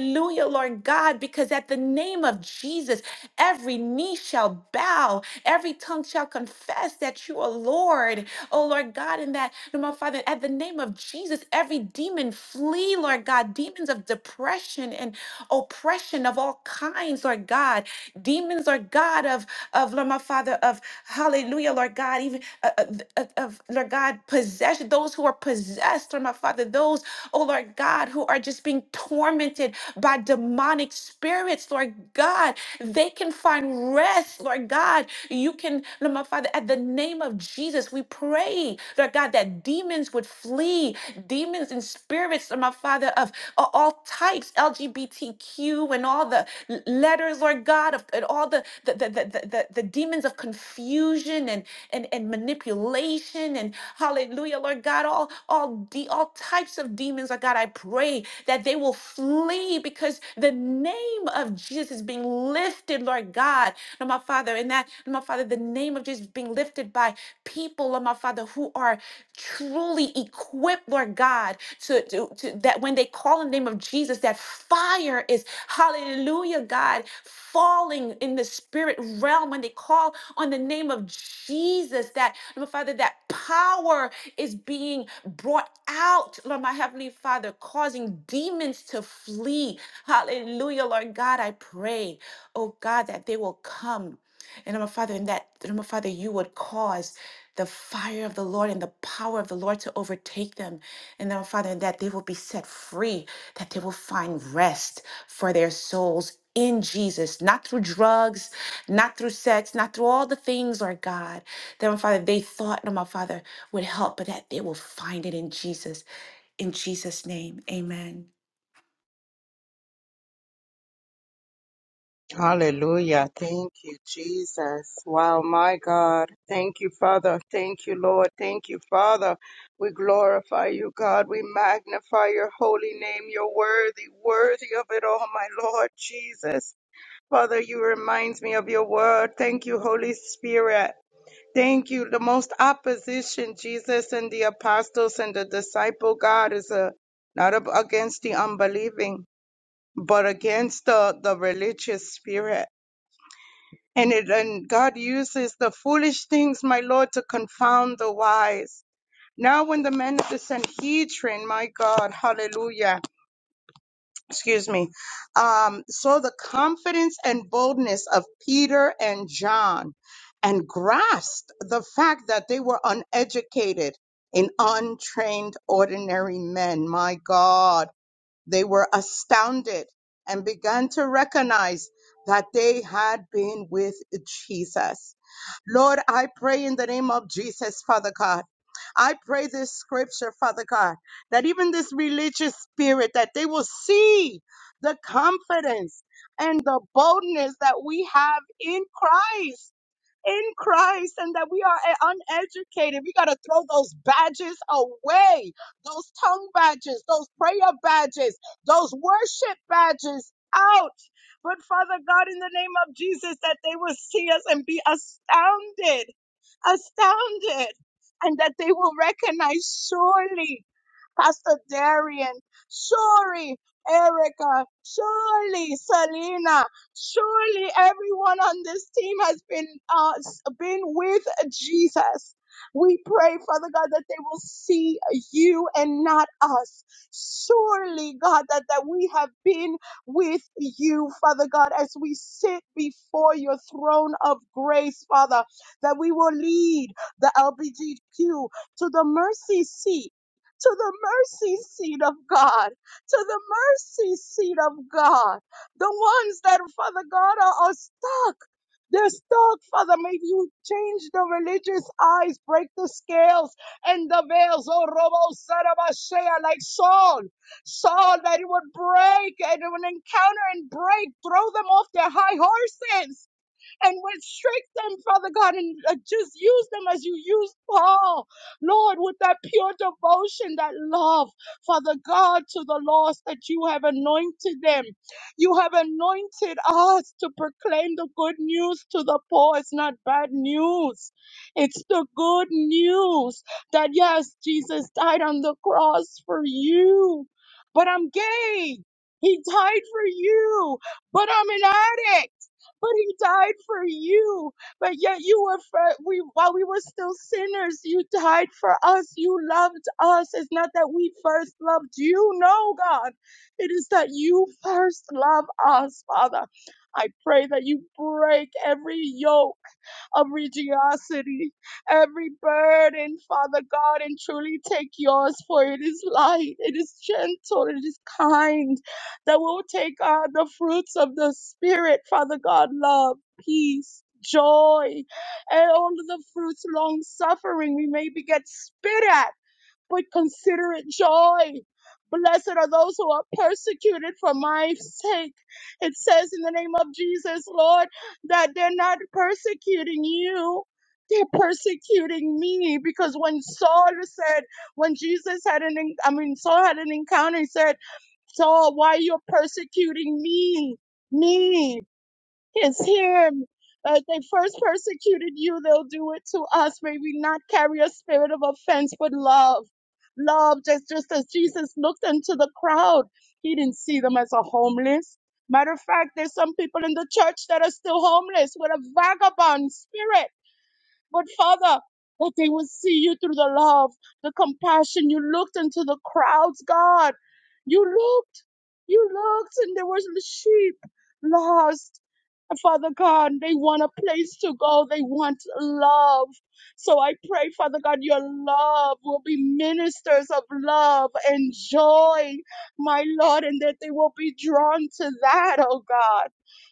Speaker 8: Hallelujah, Lord God, because at the name of Jesus, every knee shall bow, every tongue shall confess that you are Lord. Oh, Lord God, In that, no, my Father, at the name of Jesus, every demon flee, Lord God, demons of depression and oppression of all kinds, Lord God, demons, Lord God, of, of Lord, my Father, of hallelujah, Lord God, even uh, uh, th- of, of, Lord God, possession, those who are possessed, Lord, my Father, those oh Lord God, who are just being tormented by demonic spirits, Lord God. They can find rest, Lord God. You can, Lord my Father, at the name of Jesus, we pray, Lord God, that demons would flee, demons and spirits, Lord my Father, of a- all types, LGBTQ and all the l- letters, Lord God, of, and all the the, the, the, the, the demons of confusion and, and, and manipulation and hallelujah Hallelujah, Lord God. All all the all types of demons, oh God, I pray that they will flee because the name of Jesus is being lifted, Lord God. Lord my Father, and that, Lord my Father, the name of Jesus is being lifted by people, Lord my Father, who are truly equipped, Lord God, to, to, to that when they call in the name of Jesus, that fire is, hallelujah, God, falling in the spirit realm when they call on the name of Jesus. Jesus, that, Lord Father, that power is being brought out, Lord, my Heavenly Father, causing demons to flee. Hallelujah, Lord God, I pray, oh God, that they will come. And my Father, and that, Lord, my Father, you would cause the fire of the Lord and the power of the Lord to overtake them. And then, Father, and that they will be set free, that they will find rest for their souls in Jesus, not through drugs, not through sex, not through all the things, Lord God, that my Father, they thought that my Father would help, but that they will find it in Jesus. In Jesus' name, amen.
Speaker 3: Hallelujah. Thank you, Jesus. Wow, my God. Thank you, Father. Thank you, Lord. Thank you, Father. We glorify you, God. We magnify your holy name. You're worthy, worthy of it all, my Lord Jesus. Father, you reminds me of your word. Thank you, Holy Spirit. Thank you. The most opposition, Jesus and the apostles and the disciple, God, is a, not ab- against the unbelieving, but against the, the religious spirit and it and God uses the foolish things, my Lord, to confound the wise. Now when the men of the Sanhedrin, my God, hallelujah, excuse me, um, saw the confidence and boldness of Peter and John and grasped the fact that they were uneducated and untrained ordinary men, my God, they were astounded and began to recognize that they had been with Jesus Lord, I pray in the name of Jesus, Father God. I pray this scripture, Father God, that even this religious spirit, that they will see the confidence and the boldness that we have in Christ, in Christ, and that we are uh, uneducated. We got to throw those badges away, those tongue badges, those prayer badges, those worship badges out. But Father God, in the name of Jesus, that they will see us and be astounded astounded and that they will recognize surely. Pastor Darian, Shuri, Erica, surely Selena, surely everyone on this team has been uh, been with Jesus. We pray, Father God, that they will see you and not us. Surely, God, that, that we have been with you, Father God, as we sit before your throne of grace, Father, that we will lead the LGBTQ to the mercy seat to the mercy seat of God, to the mercy seat of God. The ones that, Father God, are, are stuck. They're stuck, Father. May you change the religious eyes, break the scales and the veils. Oh, Robo Sarabashea, like Saul. Saul, that it would break and it would encounter and break, throw them off their high horses and would them, Father God, and uh, just use them as you used Paul, Lord, with that pure devotion, that love, Father God, to the lost that you have anointed them. You have anointed us to proclaim the good news to the poor. It's not bad news, it's the good news that yes, Jesus died on the cross for you, but I'm gay. He died for you, but I'm an addict but he died for you. But yet you were for we while we were still sinners, you died for us. You loved us. It's not that we first loved you, no, God. It is that you first love us, Father. I pray that you break every yoke of religiosity, every burden, Father God, and truly take yours, for it is light, it is gentle, it is kind, that will take on the fruits of the Spirit, Father God, love, peace. Joy and all of the fruits, long suffering, we may be get spit at but consider it joy. Blessed are those who are persecuted for my sake. It says in the name of Jesus, Lord, that they're not persecuting you. They're persecuting me because when Saul said, when Jesus had an, en- I mean, Saul had an encounter, he said, Saul, why are you persecuting me? Me is him. Uh, they first persecuted you, they'll do it to us. May we not carry a spirit of offense, but love. Love, just, just as Jesus looked into the crowd, he didn't see them as a homeless. Matter of fact, there's some people in the church that are still homeless with a vagabond spirit. But Father, that they will see you through the love, the compassion. You looked into the crowds, God. You looked, you looked, and there was the sheep lost Father God, they want a place to go. They want love. So I pray, Father God, your love will be ministers of love and joy, my Lord, and that they will be drawn to that, oh God.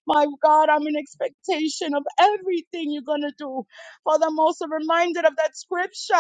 Speaker 3: My God, I'm in expectation of everything you're going to do. Father, I'm also reminded of that scripture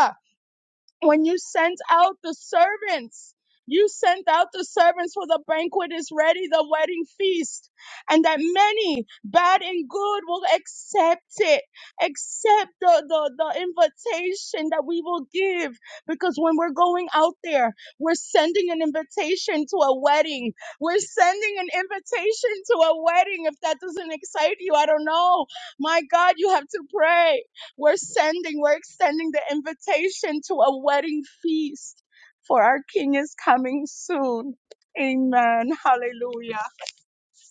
Speaker 3: when you sent out the servants. You sent out the servants for the banquet is ready, the wedding feast, and that many, bad and good, will accept it, accept the, the, the invitation that we will give. Because when we're going out there, we're sending an invitation to a wedding. We're sending an invitation to a wedding. If that doesn't excite you, I don't know. My God, you have to pray. We're sending, we're extending the invitation to a wedding feast for our King is coming soon. Amen. Hallelujah.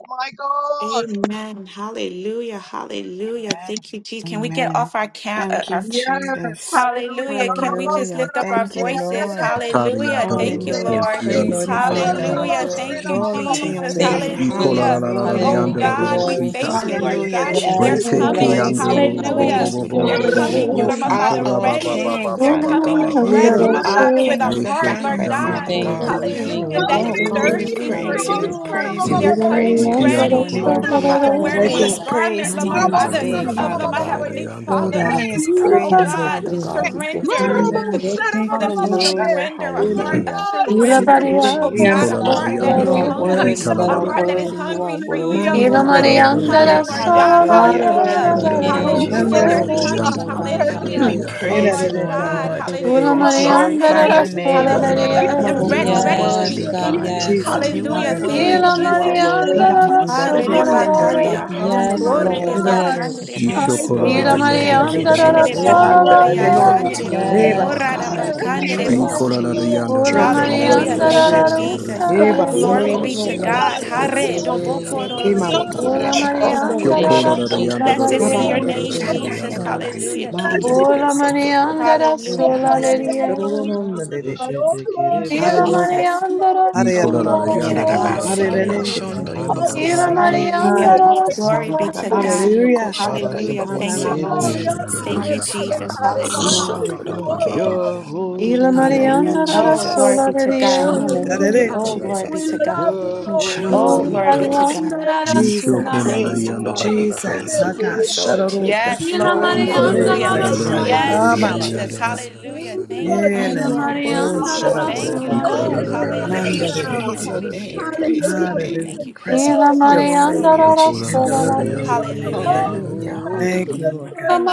Speaker 3: My God.
Speaker 8: Amen. Hallelujah. Hallelujah.
Speaker 10: Amen.
Speaker 8: Thank you, Jesus. Can we get
Speaker 10: Amen.
Speaker 8: off our camp?
Speaker 10: Thank you,
Speaker 3: Yes,
Speaker 10: Jesus.
Speaker 3: hallelujah.
Speaker 8: Hallelujah. Can we just
Speaker 10: Hallelujah.
Speaker 8: lift up our
Speaker 10: Thank you,
Speaker 8: voices?
Speaker 10: Lord.
Speaker 6: Atari
Speaker 8: Hallelujah.
Speaker 6: yata ro
Speaker 8: Thank
Speaker 6: ro
Speaker 8: you,
Speaker 6: ko
Speaker 10: Hallelujah.
Speaker 8: Lord.
Speaker 6: shi
Speaker 5: Dear
Speaker 6: yando
Speaker 10: Praise
Speaker 5: Lord,
Speaker 6: ro
Speaker 10: you,
Speaker 6: ko ya la la
Speaker 10: Father.
Speaker 5: hallelujah,
Speaker 6: la
Speaker 8: Hallelujah.
Speaker 6: la la la
Speaker 5: glory.
Speaker 8: Thank you,
Speaker 6: shita.
Speaker 10: Glory to your
Speaker 8: Jesus.
Speaker 2: Thank
Speaker 5: Thank
Speaker 10: name.
Speaker 5: you,
Speaker 6: Iko la
Speaker 5: Jesus.
Speaker 6: la
Speaker 8: Hallelujah.
Speaker 6: la la la la
Speaker 8: Oh
Speaker 6: yando
Speaker 10: Hallelujah.
Speaker 5: Hallelujah,
Speaker 6: ro ro ro
Speaker 8: God, we
Speaker 5: glory.
Speaker 8: thank
Speaker 6: kita.
Speaker 8: you, Lord
Speaker 10: Hallelujah,
Speaker 8: God, that they're
Speaker 10: Jesus.
Speaker 5: Yes, we
Speaker 10: We
Speaker 6: Brete
Speaker 5: bless
Speaker 8: coming.
Speaker 5: your
Speaker 10: praise you.
Speaker 5: name,
Speaker 10: We
Speaker 6: Keandoro
Speaker 5: God. We
Speaker 8: Hallelujah.
Speaker 5: bless
Speaker 10: praise
Speaker 6: Robobo
Speaker 10: you,
Speaker 5: your name.
Speaker 8: They're
Speaker 6: Bobo
Speaker 10: Lord.
Speaker 6: Bobo
Speaker 8: coming,
Speaker 6: Bo
Speaker 5: Hiraba
Speaker 10: You
Speaker 8: Lord
Speaker 4: <laughs>
Speaker 8: my
Speaker 10: are
Speaker 6: Shiko
Speaker 5: Santa
Speaker 8: Father,
Speaker 5: Raba,
Speaker 10: our
Speaker 8: ready.
Speaker 6: Baba
Speaker 5: Lord.
Speaker 10: King,
Speaker 8: They're
Speaker 6: Baba
Speaker 10: Father
Speaker 4: Ila
Speaker 6: Baba
Speaker 8: coming
Speaker 10: God.
Speaker 6: Baba
Speaker 8: dressed, Lord
Speaker 10: You
Speaker 8: my
Speaker 6: Shanda
Speaker 10: are
Speaker 8: Father, with
Speaker 10: King
Speaker 8: a
Speaker 10: of the
Speaker 6: Neshe
Speaker 8: heart, Lord
Speaker 10: banquet,
Speaker 5: We
Speaker 6: Kiando
Speaker 8: God.
Speaker 10: Father
Speaker 5: thank
Speaker 10: God.
Speaker 5: you,
Speaker 6: Kolorado
Speaker 5: we
Speaker 6: Yando
Speaker 5: thank you,
Speaker 8: Hallelujah.
Speaker 5: we
Speaker 8: That is
Speaker 10: Oh
Speaker 5: thank you,
Speaker 10: God, we
Speaker 5: Lord.
Speaker 8: thirsty for
Speaker 10: praise you, we
Speaker 5: Hallelujah.
Speaker 8: you.
Speaker 10: praise you, we
Speaker 8: They're coming
Speaker 10: praise you this
Speaker 6: Ikiando
Speaker 8: ready,
Speaker 5: You
Speaker 10: morning.
Speaker 5: are
Speaker 8: Lord my
Speaker 5: here,
Speaker 6: Kolorado
Speaker 8: Father,
Speaker 5: God, and
Speaker 8: wearing
Speaker 5: we
Speaker 8: the
Speaker 10: Highest
Speaker 5: bless
Speaker 8: garment,
Speaker 10: praise to
Speaker 8: Lord my
Speaker 10: you
Speaker 8: Father,
Speaker 10: today,
Speaker 8: of
Speaker 10: Father
Speaker 8: Lord my
Speaker 10: God.
Speaker 3: Oh,
Speaker 8: Heavenly
Speaker 3: my
Speaker 8: Father
Speaker 10: Highest
Speaker 8: of, oh
Speaker 10: praise,
Speaker 8: God,
Speaker 10: Father
Speaker 2: you.
Speaker 8: just
Speaker 10: God, we give to
Speaker 8: surrender,
Speaker 2: Manda
Speaker 10: you.
Speaker 8: the,
Speaker 2: yeke
Speaker 8: for them to
Speaker 2: katosha
Speaker 10: Hallelujah,
Speaker 8: surrender, a
Speaker 2: yela
Speaker 8: heart of
Speaker 10: hallelujah.
Speaker 3: God,
Speaker 2: ndarobo
Speaker 10: Thank
Speaker 8: surrender.
Speaker 10: you,
Speaker 2: siterere
Speaker 3: hallelujah.
Speaker 8: Oh
Speaker 5: you. Here,
Speaker 8: God,
Speaker 2: kuyanda
Speaker 10: Jesus.
Speaker 6: Nicola
Speaker 8: a
Speaker 5: God,
Speaker 3: My
Speaker 8: heart
Speaker 5: you
Speaker 8: that
Speaker 5: are
Speaker 10: You
Speaker 8: is
Speaker 2: mama
Speaker 10: are
Speaker 5: here,
Speaker 3: God,
Speaker 2: na
Speaker 5: God, and
Speaker 3: my
Speaker 8: hungry,
Speaker 10: worthy,
Speaker 5: we
Speaker 10: you
Speaker 5: bless
Speaker 3: God,
Speaker 8: a
Speaker 10: are
Speaker 3: my
Speaker 8: heart
Speaker 5: you.
Speaker 8: that is
Speaker 10: worthy,
Speaker 3: God,
Speaker 2: sikororosha
Speaker 10: you are
Speaker 8: hungry for
Speaker 3: hallelujah.
Speaker 10: worthy,
Speaker 8: you,
Speaker 10: O
Speaker 2: mande
Speaker 8: that
Speaker 2: rere
Speaker 10: God.
Speaker 8: they're
Speaker 4: Marianda
Speaker 2: keke
Speaker 4: la
Speaker 8: coming, Lord God,
Speaker 10: Hallelujah,
Speaker 8: hallelujah,
Speaker 2: kararonda
Speaker 10: hallelujah,
Speaker 5: Thank
Speaker 3: You're
Speaker 5: you for
Speaker 8: hallelujah,
Speaker 5: your
Speaker 10: Jesus.
Speaker 2: yandoro
Speaker 8: they're
Speaker 3: worthy,
Speaker 5: presence,
Speaker 8: coming,
Speaker 3: God,
Speaker 5: oh God.
Speaker 2: shabaka
Speaker 3: worthy,
Speaker 10: We
Speaker 8: hallelujah.
Speaker 5: Hallelujah.
Speaker 8: Oh
Speaker 2: yela
Speaker 3: worthy,
Speaker 10: praise you,
Speaker 2: rere
Speaker 8: Lord
Speaker 10: O
Speaker 3: worthy,
Speaker 2: tamo
Speaker 8: God,
Speaker 10: Lord.
Speaker 8: hallelujah,
Speaker 2: terere
Speaker 8: to
Speaker 2: ya
Speaker 10: We
Speaker 8: a
Speaker 3: worthy,
Speaker 2: shifika
Speaker 10: glorify
Speaker 8: harvest.
Speaker 10: your
Speaker 3: worthy,
Speaker 10: name,
Speaker 2: madareke
Speaker 6: Yanda
Speaker 10: O
Speaker 8: Hallelujah.
Speaker 3: worthy
Speaker 10: Lord.
Speaker 3: are
Speaker 2: mabo
Speaker 8: I'm
Speaker 3: you.
Speaker 10: You are
Speaker 8: ready to
Speaker 2: tororosha
Speaker 5: Yes,
Speaker 8: be
Speaker 10: worthy,
Speaker 3: You're
Speaker 5: God,
Speaker 8: picked.
Speaker 10: God.
Speaker 3: beautiful
Speaker 5: yes.
Speaker 2: Jesus
Speaker 3: and
Speaker 10: You
Speaker 2: have
Speaker 10: are
Speaker 8: Hallelujah.
Speaker 2: a
Speaker 3: worthy,
Speaker 8: Thank you,
Speaker 10: worthy,
Speaker 2: rosha
Speaker 10: you
Speaker 3: worthy
Speaker 10: are
Speaker 8: Jesus.
Speaker 3: is the
Speaker 2: shaba
Speaker 10: worthy.
Speaker 3: Lamb.
Speaker 2: manda
Speaker 3: How
Speaker 8: Glory
Speaker 2: rere
Speaker 8: de
Speaker 3: beautiful
Speaker 4: sotarore,
Speaker 8: bacande.
Speaker 3: he
Speaker 10: Hallelujah,
Speaker 3: is,
Speaker 5: Yes,
Speaker 3: my
Speaker 8: Glory
Speaker 5: Lord,
Speaker 8: de
Speaker 10: hallelujah.
Speaker 2: Get the
Speaker 3: God.
Speaker 2: Lord,
Speaker 8: bacande
Speaker 5: yes.
Speaker 8: de bo-
Speaker 2: shine.
Speaker 10: Yes,
Speaker 3: Eyes
Speaker 8: oh,
Speaker 3: of
Speaker 8: oh,
Speaker 2: Get
Speaker 8: oh.
Speaker 2: the
Speaker 4: Ila
Speaker 10: Lord.
Speaker 3: fire,
Speaker 2: glory,
Speaker 10: Thank
Speaker 2: get
Speaker 10: you,
Speaker 2: the
Speaker 4: Marianda
Speaker 3: hair
Speaker 4: rara
Speaker 8: Rendere
Speaker 2: glory.
Speaker 10: Jesus.
Speaker 3: like
Speaker 4: sara
Speaker 2: Rebanda
Speaker 4: rara
Speaker 2: da
Speaker 3: wool.
Speaker 8: gloria,
Speaker 2: deke.
Speaker 10: Glory
Speaker 4: yara.
Speaker 10: to
Speaker 8: sandere
Speaker 10: your
Speaker 3: Eyes of
Speaker 10: name,
Speaker 2: Reba
Speaker 10: O
Speaker 2: ba
Speaker 5: Yes,
Speaker 8: glora
Speaker 2: ma
Speaker 8: da
Speaker 5: God.
Speaker 10: God.
Speaker 2: na
Speaker 5: We
Speaker 3: fire,
Speaker 2: da da.
Speaker 5: sing
Speaker 10: We
Speaker 5: a new
Speaker 3: hair
Speaker 2: Shana.
Speaker 10: praise
Speaker 5: song
Speaker 3: like
Speaker 5: to
Speaker 10: you.
Speaker 8: se.
Speaker 9: Rabba
Speaker 5: you,
Speaker 3: wool.
Speaker 9: Sita
Speaker 5: Lord.
Speaker 4: Ula
Speaker 2: Strengthen
Speaker 9: Kireba,
Speaker 2: all
Speaker 3: Yes,
Speaker 10: Yoroboko
Speaker 2: those
Speaker 8: Hallelujah.
Speaker 2: who
Speaker 4: Marianda
Speaker 2: are
Speaker 8: Thank you,
Speaker 2: weary.
Speaker 3: Lord.
Speaker 4: rara
Speaker 10: yoshitari
Speaker 8: Jesus.
Speaker 4: rusa
Speaker 3: And we
Speaker 4: rara
Speaker 2: Reba na
Speaker 10: ababasi
Speaker 2: na na
Speaker 8: Glory
Speaker 2: na
Speaker 8: be
Speaker 3: behold
Speaker 4: yara.
Speaker 2: na.
Speaker 8: to
Speaker 3: you,
Speaker 2: So,
Speaker 10: koshende
Speaker 8: God.
Speaker 3: God.
Speaker 2: da
Speaker 5: Yes,
Speaker 2: da
Speaker 3: We
Speaker 5: God.
Speaker 2: da
Speaker 8: Hare
Speaker 2: da.
Speaker 10: bebese
Speaker 8: do
Speaker 3: behold your
Speaker 8: boko
Speaker 5: Hallelujah.
Speaker 9: Ishita
Speaker 8: do do
Speaker 2: Ki
Speaker 3: glory.
Speaker 2: ma ma
Speaker 10: seterebe
Speaker 3: Oh,
Speaker 2: ma
Speaker 9: Kireba,
Speaker 10: kiri
Speaker 2: ma.
Speaker 4: Ula
Speaker 3: Lord,
Speaker 10: ababa
Speaker 3: Son of
Speaker 2: Shikondo
Speaker 3: a
Speaker 10: hoko
Speaker 2: no
Speaker 4: Marianda
Speaker 2: do
Speaker 5: Thank
Speaker 2: do
Speaker 5: you,
Speaker 4: rara
Speaker 3: prayer.
Speaker 2: sha.
Speaker 10: yoshondo
Speaker 4: sula
Speaker 5: Jesus.
Speaker 8: Blessed be
Speaker 10: bobosi
Speaker 8: your
Speaker 3: Behold
Speaker 2: Sabanda
Speaker 4: bariye.
Speaker 2: da
Speaker 3: you,
Speaker 8: name,
Speaker 2: da da da.
Speaker 3: Lord.
Speaker 10: shantari
Speaker 8: Jesus.
Speaker 5: Glory to
Speaker 3: We
Speaker 10: ababasi
Speaker 8: Hallelujah.
Speaker 3: bless
Speaker 8: Thank
Speaker 10: kiri
Speaker 8: you,
Speaker 2: Manda
Speaker 3: you,
Speaker 2: da
Speaker 8: Lord.
Speaker 4: Ula
Speaker 10: bebeso
Speaker 2: da da.
Speaker 3: Father.
Speaker 9: Rabba
Speaker 4: Marianda
Speaker 10: tokorobo
Speaker 4: rara
Speaker 3: All
Speaker 8: Hallelujah.
Speaker 9: Sita
Speaker 2: Reba
Speaker 4: sula
Speaker 2: ba sa.
Speaker 3: glory,
Speaker 9: Kireba,
Speaker 3: all
Speaker 8: Hallelujah.
Speaker 2: Shoro
Speaker 8: Thank
Speaker 2: no
Speaker 8: you,
Speaker 4: leriye.
Speaker 3: honor,
Speaker 2: no no da
Speaker 8: Lord.
Speaker 3: Father
Speaker 2: da. da.
Speaker 3: God. All
Speaker 9: Ishita
Speaker 8: Thank
Speaker 3: glory,
Speaker 8: you,
Speaker 9: Kireba,
Speaker 3: all
Speaker 4: Ila
Speaker 3: honor
Speaker 2: Hallelujah.
Speaker 3: is
Speaker 8: Jesus.
Speaker 4: Marianda
Speaker 3: yours.
Speaker 4: rara
Speaker 6: Yanda
Speaker 3: It
Speaker 8: Oh,
Speaker 3: is
Speaker 4: sula
Speaker 2: Hallelujah.
Speaker 8: glory be
Speaker 3: yours.
Speaker 8: to
Speaker 3: It is
Speaker 4: rariye.
Speaker 8: God.
Speaker 10: yerarabasi
Speaker 3: yours, God.
Speaker 8: Hallelujah.
Speaker 10: yokoshondo
Speaker 3: All
Speaker 2: Hallelujah.
Speaker 4: Ila
Speaker 9: Ramanama
Speaker 10: yobobose
Speaker 3: glory, all
Speaker 9: Sita
Speaker 4: Marianda
Speaker 3: honor,
Speaker 8: Hallelujah.
Speaker 9: Kireba,
Speaker 4: rara
Speaker 3: Lord.
Speaker 2: Hallelujah.
Speaker 3: Be
Speaker 8: Glory
Speaker 4: sula
Speaker 8: be to
Speaker 3: unto
Speaker 4: rariye.
Speaker 10: nararababasi
Speaker 8: God.
Speaker 3: you,
Speaker 2: Hallelujah.
Speaker 3: Father.
Speaker 9: Rabba
Speaker 10: yokoshondo
Speaker 8: Hallelujah.
Speaker 9: Sita
Speaker 8: Thank you,
Speaker 3: All
Speaker 10: yobobose
Speaker 8: Lord.
Speaker 3: glory,
Speaker 9: Kirebosu.
Speaker 3: all honor, and
Speaker 2: Ananamasete.
Speaker 8: Thank
Speaker 3: her
Speaker 8: you,
Speaker 10: semansi
Speaker 3: Father
Speaker 8: Jesus.
Speaker 3: God, is
Speaker 10: ababasi
Speaker 8: Hallelujah.
Speaker 3: unto
Speaker 2: Glory,
Speaker 3: you, O
Speaker 2: glory.
Speaker 10: shotoroboke
Speaker 9: You're
Speaker 3: Robos.
Speaker 9: holy
Speaker 4: Ila
Speaker 9: King,
Speaker 10: Hallelujah,
Speaker 4: Marianda rara
Speaker 2: Hallelujah.
Speaker 8: Oh,
Speaker 3: Lord,
Speaker 8: glory
Speaker 10: Jesus.
Speaker 4: sula
Speaker 8: be to God.
Speaker 2: Shaman.
Speaker 4: rariye.
Speaker 10: Hallelujah,
Speaker 3: hallelujah.
Speaker 8: Oh, glory
Speaker 2: Gadarete.
Speaker 3: We
Speaker 8: be
Speaker 10: Jesus.
Speaker 8: to
Speaker 3: love
Speaker 8: God.
Speaker 3: you,
Speaker 9: you're
Speaker 10: We
Speaker 3: Lord,
Speaker 10: praise
Speaker 8: Oh,
Speaker 10: you.
Speaker 3: Robos,
Speaker 4: Ula
Speaker 10: We
Speaker 9: holy
Speaker 2: Shaman.
Speaker 8: glory be to
Speaker 9: Lord,
Speaker 10: praise you.
Speaker 4: Marianda
Speaker 8: God.
Speaker 3: Sarabashea.
Speaker 4: rara
Speaker 10: We
Speaker 3: My
Speaker 4: sula
Speaker 2: Jesus.
Speaker 3: God,
Speaker 10: praise
Speaker 4: rariye.
Speaker 10: you, Lord. We
Speaker 2: Jesus.
Speaker 10: praise you. We
Speaker 2: Hata.
Speaker 3: hallelujah.
Speaker 10: exalt you.
Speaker 2: Shadarota.
Speaker 8: Yes,
Speaker 3: My
Speaker 4: Ila
Speaker 3: God,
Speaker 9: you're
Speaker 8: Lord.
Speaker 9: an
Speaker 2: Very
Speaker 4: Marianda
Speaker 3: hallelujah.
Speaker 8: Hallelujah.
Speaker 10: Hallelujah.
Speaker 4: Rara
Speaker 9: amazing
Speaker 2: present
Speaker 3: Thank
Speaker 2: help.
Speaker 9: God.
Speaker 3: you,
Speaker 2: Ah,
Speaker 8: Yes,
Speaker 10: Hallelujah,
Speaker 2: ba,
Speaker 4: Solari.
Speaker 2: ba,
Speaker 3: Jesus.
Speaker 2: ba,
Speaker 8: Jesus.
Speaker 2: ba.
Speaker 10: Jesus.
Speaker 8: Hallelujah.
Speaker 3: Thank you,
Speaker 8: Thank
Speaker 10: Oh
Speaker 3: Lord.
Speaker 8: you,
Speaker 3: We
Speaker 2: Yeah,
Speaker 10: God,
Speaker 2: la,
Speaker 8: Holy
Speaker 4: Ila
Speaker 10: you
Speaker 2: la,
Speaker 10: are
Speaker 3: love
Speaker 2: la.
Speaker 8: Spirit.
Speaker 3: you,
Speaker 2: Oh,
Speaker 10: worthy.
Speaker 4: Marianda
Speaker 10: You
Speaker 3: Father.
Speaker 10: are
Speaker 3: We
Speaker 4: Rara
Speaker 8: Thank
Speaker 2: shadarada.
Speaker 10: worthy,
Speaker 8: you.
Speaker 9: Rabba
Speaker 3: bless
Speaker 10: Lord.
Speaker 8: Oh,
Speaker 3: your
Speaker 4: Solari.
Speaker 9: Sita Kireba,
Speaker 3: name,
Speaker 8: hallelujah. Thank
Speaker 2: Mandarede.
Speaker 8: you,
Speaker 10: Praise
Speaker 3: God.
Speaker 10: your
Speaker 8: Holy
Speaker 10: name.
Speaker 8: Spirit.
Speaker 10: Praise your
Speaker 3: Hallelujah. Bring
Speaker 10: name.
Speaker 8: Thank
Speaker 2: Hallelujah.
Speaker 3: the
Speaker 8: you,
Speaker 2: Present.
Speaker 3: joy.
Speaker 4: Ila
Speaker 8: Jesus.
Speaker 2: Your
Speaker 3: Bring the
Speaker 2: save,
Speaker 4: Marianda
Speaker 10: Hallelujah,
Speaker 4: Rara
Speaker 3: simplicity.
Speaker 2: and
Speaker 10: Jesus.
Speaker 3: Bring
Speaker 2: deliver.
Speaker 3: the
Speaker 4: Solari.
Speaker 2: We
Speaker 3: pure
Speaker 2: thank
Speaker 9: you
Speaker 2: you.
Speaker 8: Hallelujah.
Speaker 9: are
Speaker 3: devotion
Speaker 10: Hallelujah.
Speaker 3: back to
Speaker 2: Thank
Speaker 10: Hallelujah.
Speaker 2: you,
Speaker 3: the
Speaker 9: holy,
Speaker 2: Lord
Speaker 3: church.
Speaker 2: God.
Speaker 4: Ila
Speaker 8: And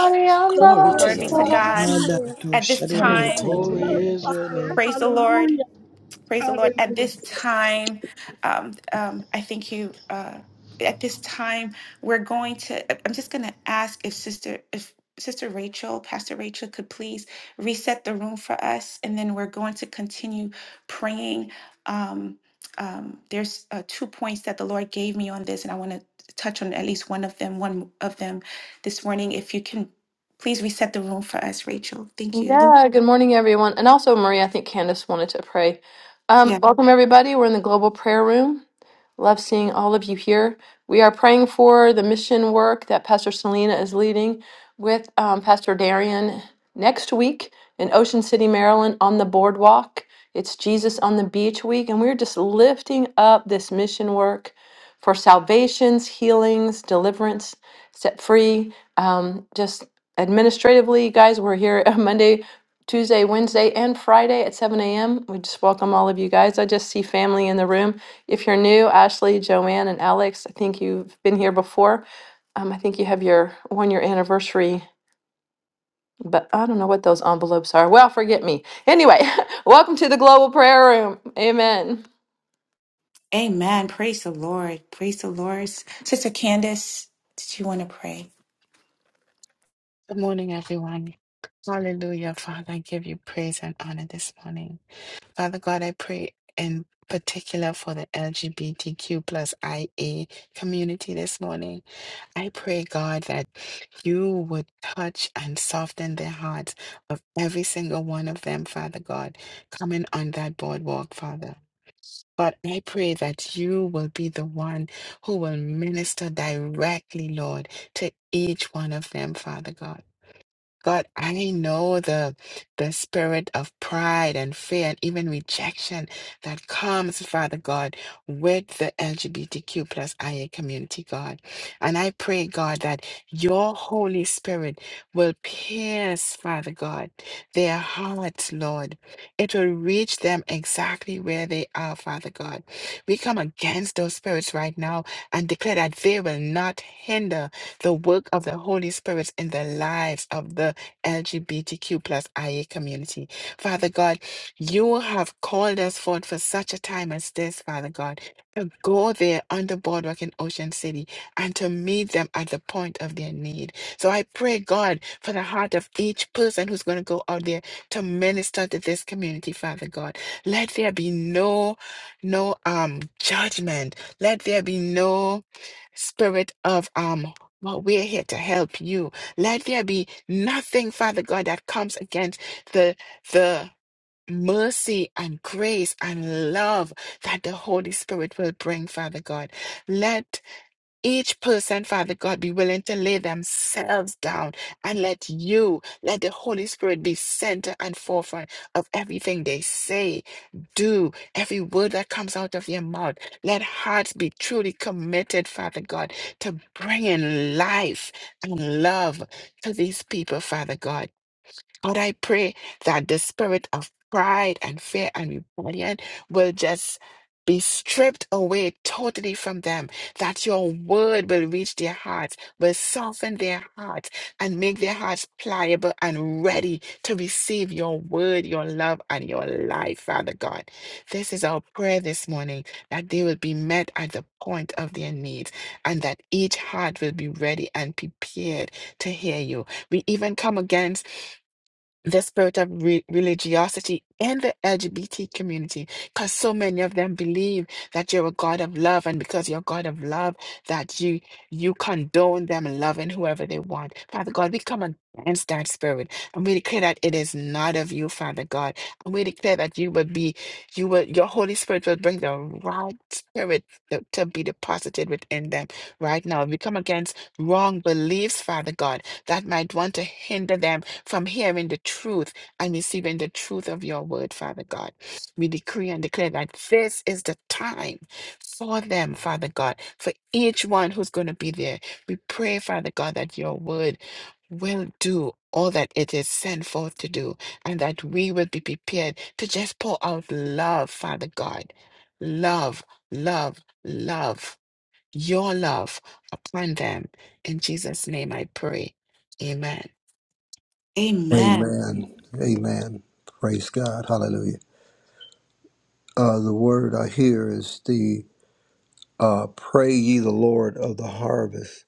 Speaker 3: the
Speaker 10: Glory
Speaker 4: Rara
Speaker 10: to
Speaker 8: glory be
Speaker 10: your
Speaker 3: person
Speaker 8: to
Speaker 3: of
Speaker 10: name.
Speaker 8: God.
Speaker 4: Solari.
Speaker 3: fire,
Speaker 8: At this
Speaker 3: the
Speaker 2: Hallelujah.
Speaker 10: Glory to
Speaker 8: time,
Speaker 10: your
Speaker 3: person of
Speaker 9: holy
Speaker 10: name.
Speaker 9: is your
Speaker 3: fire.
Speaker 9: name.
Speaker 8: praise the Lord.
Speaker 3: Hallelujah,
Speaker 8: Praise the Lord. At
Speaker 3: hallelujah.
Speaker 8: this time, um, um, I think you. Uh, at this time, we're going to. I- I'm just going to ask if Sister, if Sister Rachel, Pastor Rachel, could please reset the room for us, and then we're going to continue praying. Um, um, there's uh, two points that the Lord gave me on this, and I want to touch on at least one of them. One of them this morning. If you can, please reset the room for us, Rachel. Thank you.
Speaker 4: Yeah, good morning, everyone. And also, Maria, I think Candace wanted to pray. Um, welcome, everybody. We're in the global prayer room. Love seeing all of you here. We are praying for the mission work that Pastor Selena is leading with um, Pastor Darian next week in Ocean City, Maryland on the boardwalk. It's Jesus on the Beach week, and we're just lifting up this mission work for salvations, healings, deliverance, set free. Um, just administratively, guys, we're here <laughs> Monday, Tuesday, Wednesday, and Friday at 7 a.m. We just welcome all of you guys. I just see family in the room. If you're new, Ashley, Joanne, and Alex, I think you've been here before. Um, I think you have your one year anniversary, but I don't know what those envelopes are. Well, forget me. Anyway, <laughs> welcome to the Global Prayer Room. Amen.
Speaker 8: Amen. Praise the Lord. Praise the Lord. Sister Candace, did you want to pray?
Speaker 10: Good morning, everyone. Hallelujah, Father. I give you praise and honor this morning. Father God, I pray in particular for the LGBTQ plus IA community this morning. I pray, God, that you would touch and soften the hearts of every single one of them, Father God, coming on that boardwalk, Father. But I pray that you will be the one who will minister directly, Lord, to each one of them, Father God. God, I know the the spirit of pride and fear and even rejection that comes, Father God, with the LGBTQ plus IA community, God. And I pray, God, that your Holy Spirit will pierce, Father God, their hearts, Lord. It will reach them exactly where they are, Father God. We come against those spirits right now and declare that they will not hinder the work of the Holy Spirit in the lives of the LGBTQ plus IA community. Father God, you have called us forth for such a time as this, Father God, to go there on the boardwalk in Ocean City and to meet them at the point of their need. So I pray, God, for the heart of each person who's going to go out there to minister to this community, Father God. Let there be no, no um judgment. Let there be no spirit of um well we're here to help you let there be nothing father god that comes against the the mercy and grace and love that the holy spirit will bring father god let each person, Father God, be willing to lay themselves down and let you, let the Holy Spirit be center and forefront of everything they say, do, every word that comes out of your mouth. Let hearts be truly committed, Father God, to bringing life and love to these people, Father God. God, I pray that the spirit of pride and fear and rebellion will just be stripped away totally from them, that your word will reach their hearts, will soften their hearts, and make their hearts pliable and ready to receive your word, your love, and your life, Father God. This is our prayer this morning that they will be met at the point of their needs, and that each heart will be ready and prepared to hear you. We even come against the spirit of re- religiosity in the LGBT community because so many of them believe that you're a God of love and because you're a God of love that you you condone them loving whoever they want. Father God, we come against that spirit and we declare that it is not of you, Father God. And we declare that you will be you will your Holy Spirit will bring the right spirit to, to be deposited within them right now. We come against wrong beliefs, Father God, that might want to hinder them from hearing the truth and receiving the truth of your word, Father God. We decree and declare that this is the time for them, Father God, for each one who's going to be there. We pray, Father God, that your word will do all that it is sent forth to do and that we will be prepared to just pour out love, Father God. Love, love, love, your love upon them. In Jesus' name I pray. Amen.
Speaker 8: Amen.
Speaker 6: Amen. Amen. Praise God. Hallelujah. Uh, the word I hear is the uh, pray ye the Lord of the harvest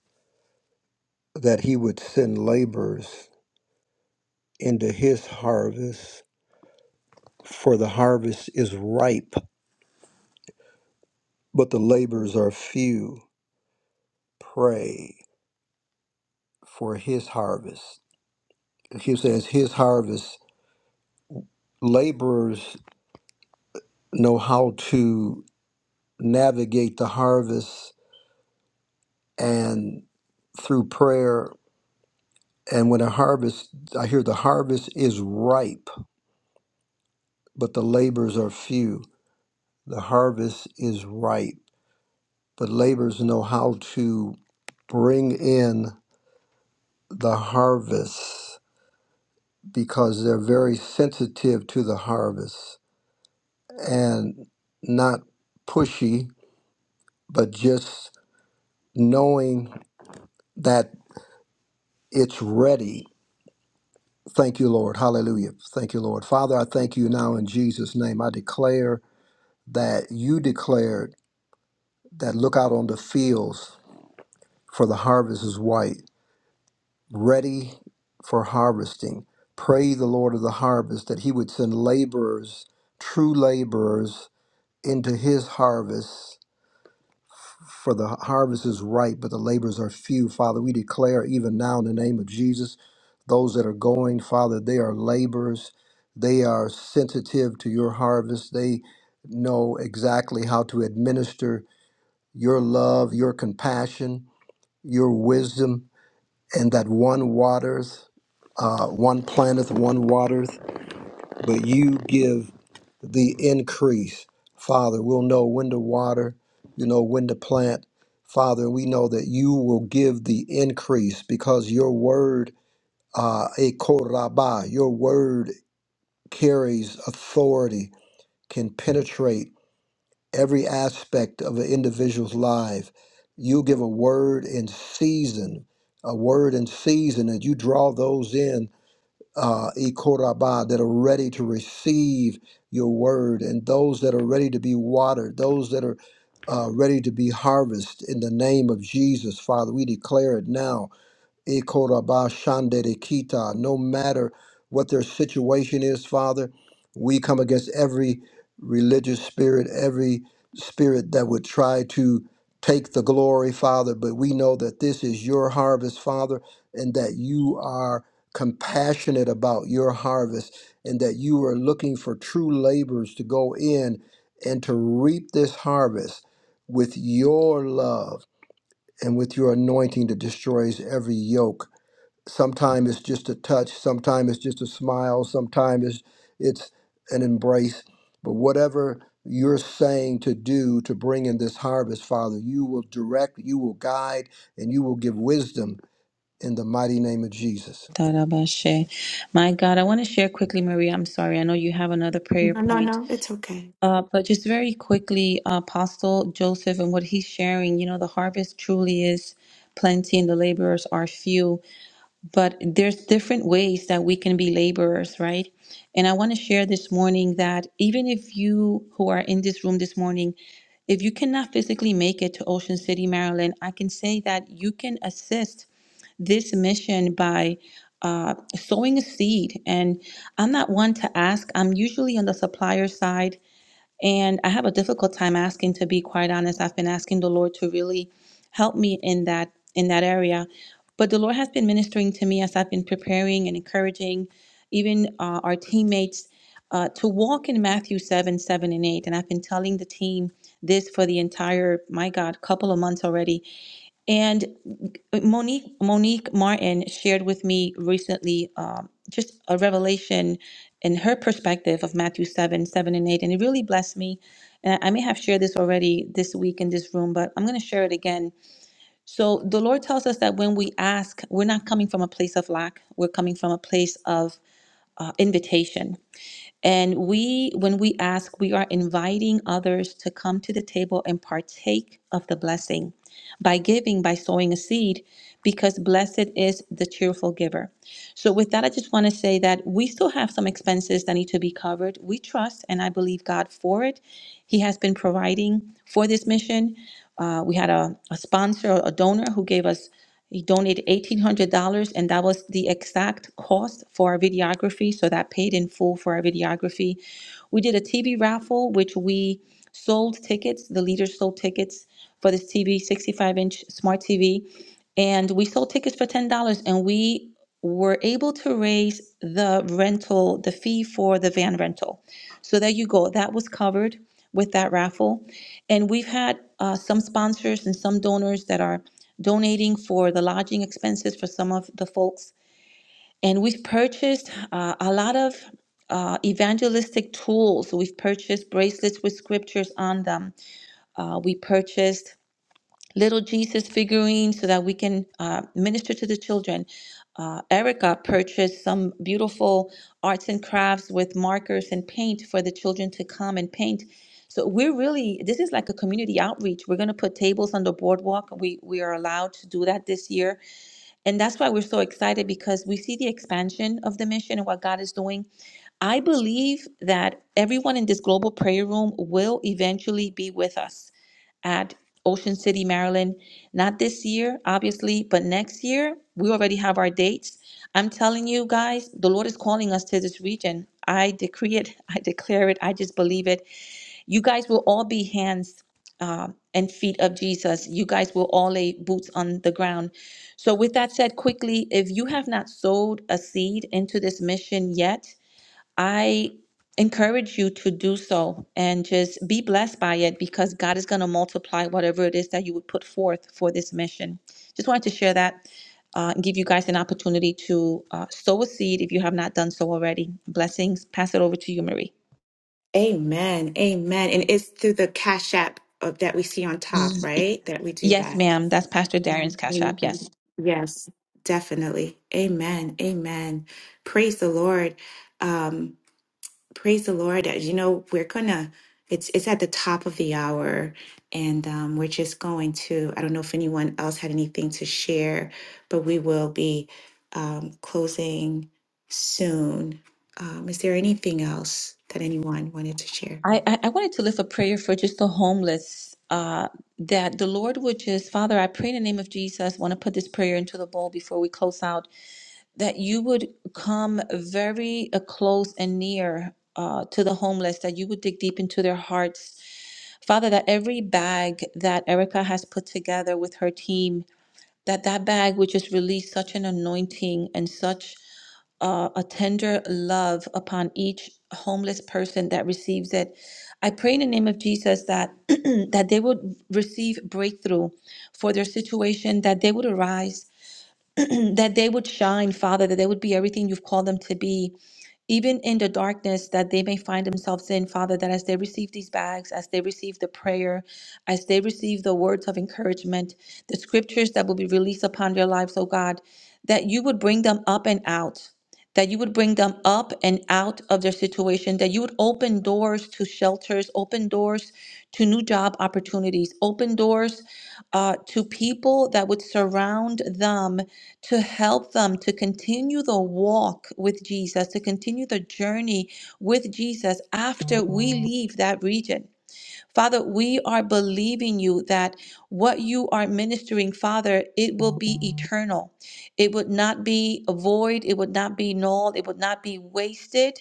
Speaker 6: that he would send laborers into his harvest, for the harvest is ripe, but the laborers are few. Pray for his harvest. He says, His harvest, laborers know how to navigate the harvest and through prayer And when a harvest, I hear the harvest is ripe, but the labors are few. The harvest is ripe, but labors know how to bring in the harvest because they're very sensitive to the harvest and not pushy, but just knowing that it's ready. Thank you, Lord. Hallelujah. Thank you, Lord. Father, I thank you now in Jesus' name. I declare that you declared that look out on the fields, for the harvest is white, ready for harvesting. Pray the Lord of the harvest that he would send laborers, true laborers, into his harvest, for the harvest is ripe, but the laborers are few. Father, we declare even now in the name of Jesus, those that are going, Father, they are laborers. They are sensitive to your harvest. They know exactly how to administer your love, your compassion your wisdom, and that one waters, uh, one planteth, one waters, but you give the increase. Father, we'll know when to water, you know, when to plant. Father, we know that you will give the increase because your word, uh, e koraba, your word carries authority, can penetrate. every aspect of an individual's life. You give a word in season, a word in season, and you draw those in, uh, ikoraba, that are ready to receive your word, and those that are ready to be watered, those that are uh, ready to be harvested in the name of Jesus, Father. We declare it now Ikorabashanderekita. No matter what their situation is, Father, we come against every religious spirit, every spirit that would try to take the glory, Father. But we know that this is your harvest, Father, and that you are compassionate about your harvest, and that you are looking for true laborers to go in and to reap this harvest with your love and with your anointing that destroys every yoke Sometimes it's just a touch, sometimes it's just a smile, sometimes it's, it's an embrace. But whatever you're saying to do to bring in this harvest, Father, you will direct, you will guide, and you will give wisdom in the mighty name of Jesus.
Speaker 5: Tarabashe. My God, I want to share quickly, Maria. I'm sorry. I know you have another prayer
Speaker 8: No, no,
Speaker 5: point.
Speaker 8: no. It's okay.
Speaker 5: Uh, but just very quickly, Apostle Joseph and what he's sharing, you know, the harvest truly is plenty and the laborers are few. but there's different ways that we can be laborers right and i want to share this morning that even if you who are in this room this morning if you cannot physically make it to ocean city maryland i can say that you can assist this mission by uh, sowing a seed and i'm not one to ask i'm usually on the supplier side and I have a difficult time asking to be quite honest. I've been asking the Lord to really help me in that in that area. But the Lord has been ministering to me as I've been preparing and encouraging even uh, our teammates uh, to walk in Matthew 7, 7 and 8. And I've been telling the team this for the entire, my God, couple of months already and Monique Monique Martin shared with me recently um, just a revelation in her perspective of Matthew seven seven and eight, and it really blessed me. And I I may have shared this already this week in this room, but I'm going to share it again. So the Lord tells us that when we ask, we're not coming from a place of lack; we're coming from a place of uh, invitation. And we, when we ask, we are inviting others to come to the table and partake of the blessing by giving, by sowing a seed, because blessed is the cheerful giver. So, with that, I just want to say that we still have some expenses that need to be covered. We trust and I believe God for it. He has been providing for this mission. Uh, we had a, a sponsor, a donor who gave us, he donated $1,800, and that was the exact cost for our videography. So, that paid in full for our videography. We did a TV raffle, which we sold tickets. The leaders sold tickets for this TV, 65 inch smart TV. And we sold tickets for $10 and we were able to raise the rental, the fee for the van rental. So there you go. That was covered with that raffle. And we've had uh, some sponsors and some donors that are donating for the lodging expenses for some of the folks and we've purchased uh, a lot of uh, evangelistic tools. We've purchased bracelets with scriptures on them. Uh, we purchased little Jesus figurines so that we can uh, minister to the children. Uh, Erica purchased some beautiful arts and crafts with markers and paint for the children to come and paint. So we're really this is like a community outreach. We're going to put tables on the boardwalk. We we are allowed to do that this year and that's why we're so excited because we see the expansion of the mission and what God is doing. I believe that everyone in this global prayer room will eventually be with us at Ocean City, Maryland. Not this year, obviously, but next year. We already have our dates. I'm telling you guys, the Lord is calling us to this region. I decree it, <laughs> I declare it, I just believe it. You guys will all be hands uh, and feet of Jesus. You guys will all lay boots on the ground. So, with that said, quickly, if you have not sowed a seed into this mission yet, I encourage you to do so and just be blessed by it because God is going to multiply whatever it is that you would put forth for this mission. Just wanted to share that uh, and give you guys an opportunity to uh, sow a seed if you have not done so already. Blessings. Pass it over to you, Marie.
Speaker 8: Amen. Amen. And it's through the Cash App of, that we see on top, right? That we do
Speaker 5: Yes,
Speaker 8: that.
Speaker 5: ma'am. That's Pastor Darren's Cash App. Yes.
Speaker 8: Amen. Yes. Definitely. Amen. Amen. Praise the Lord. Um, Praise the Lord. Uh, You know, we're gonna, it's it's at the top of the hour, and um, we're just going to, I don't know if anyone else had anything to share, but we will be um, closing soon. Um, is there anything else that anyone wanted to share?
Speaker 5: I, I, I wanted to lift a prayer for just the homeless. Uh, that the Lord would just, Father, I pray in the name of Jesus, want to put this prayer into the bowl before we close out, that you would come very uh, close and near uh, to the homeless, that you would dig deep into their hearts. Father, that every bag that Erica has put together with her team, that that bag would just release such an anointing and such uh, a tender love upon each homeless person that receives it. I pray in the name of Jesus that <clears throat> that they would receive breakthrough for their situation, that they would arise, <clears throat> that they would shine, Father, that they would be everything you've called them to be even in the darkness that they may find themselves in, Father, that as they receive these bags, as they receive the prayer, as they receive the words of encouragement, the scriptures that will be released upon their lives, oh God, that you would bring them up and out. That you would bring them up and out of their situation, that you would open doors to shelters, open doors to new job opportunities, open doors uh, to people that would surround them to help them to continue the walk with Jesus, to continue the journey with Jesus after we leave that region. Father, we are believing you that what you are ministering, Father, it will be eternal. It would not be void, it would not be null, it would not be wasted.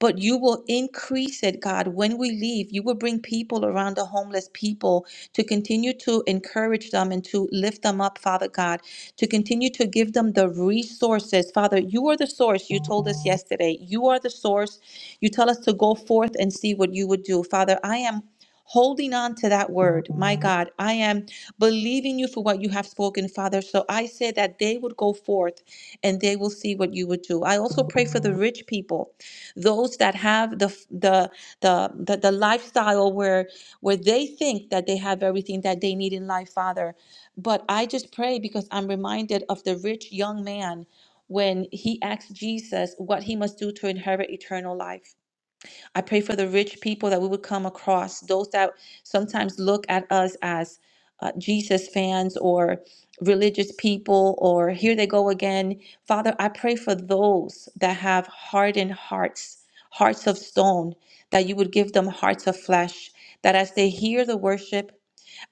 Speaker 5: But you will increase it, God. When we leave, you will bring people around the homeless people to continue to encourage them and to lift them up, Father God, to continue to give them the resources. Father, you are the source. You told us yesterday. You are the source. You tell us to go forth and see what you would do. Father, I am holding on to that word. My God, I am believing you for what you have spoken, Father. So I say that they would go forth and they will see what you would do. I also pray for the rich people, those that have the the the the, the lifestyle where where they think that they have everything that they need in life, Father. But I just pray because I'm reminded of the rich young man when he asked Jesus what he must do to inherit eternal life. I pray for the rich people that we would come across, those that sometimes look at us as uh, Jesus fans or religious people, or here they go again. Father, I pray for those that have hardened hearts, hearts of stone, that you would give them hearts of flesh, that as they hear the worship,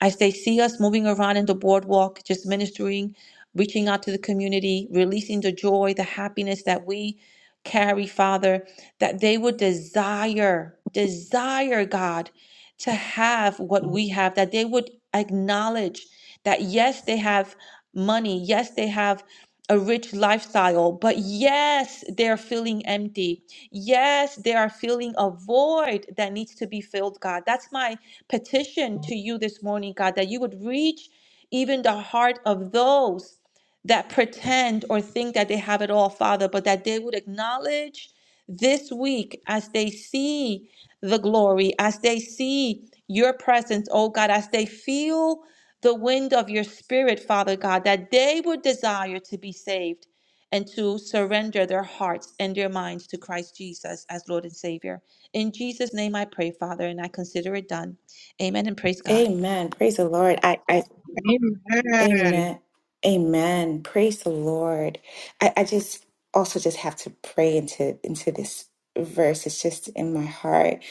Speaker 5: as they see us moving around in the boardwalk, just ministering, reaching out to the community, releasing the joy, the happiness that we carry, Father, that they would desire, desire, God, to have what we have, that they would acknowledge that, yes, they have money, yes, they have a rich lifestyle, but yes, they're feeling empty. Yes, they are feeling a void that needs to be filled, God. That's my petition to you this morning, God, that you would reach even the heart of those that pretend or think that they have it all, Father, but that they would acknowledge this week as they see the glory, as they see your presence, oh God, as they feel the wind of your spirit, Father God, that they would desire to be saved and to surrender their hearts and their minds to Christ Jesus as Lord and Savior. In Jesus' name I pray, Father, and I consider it done. Amen and praise God.
Speaker 8: Amen. Praise the Lord. I, I
Speaker 3: Amen.
Speaker 8: Amen. Amen. Praise the Lord. I, I just also just have to pray into into this verse. It's just in my heart.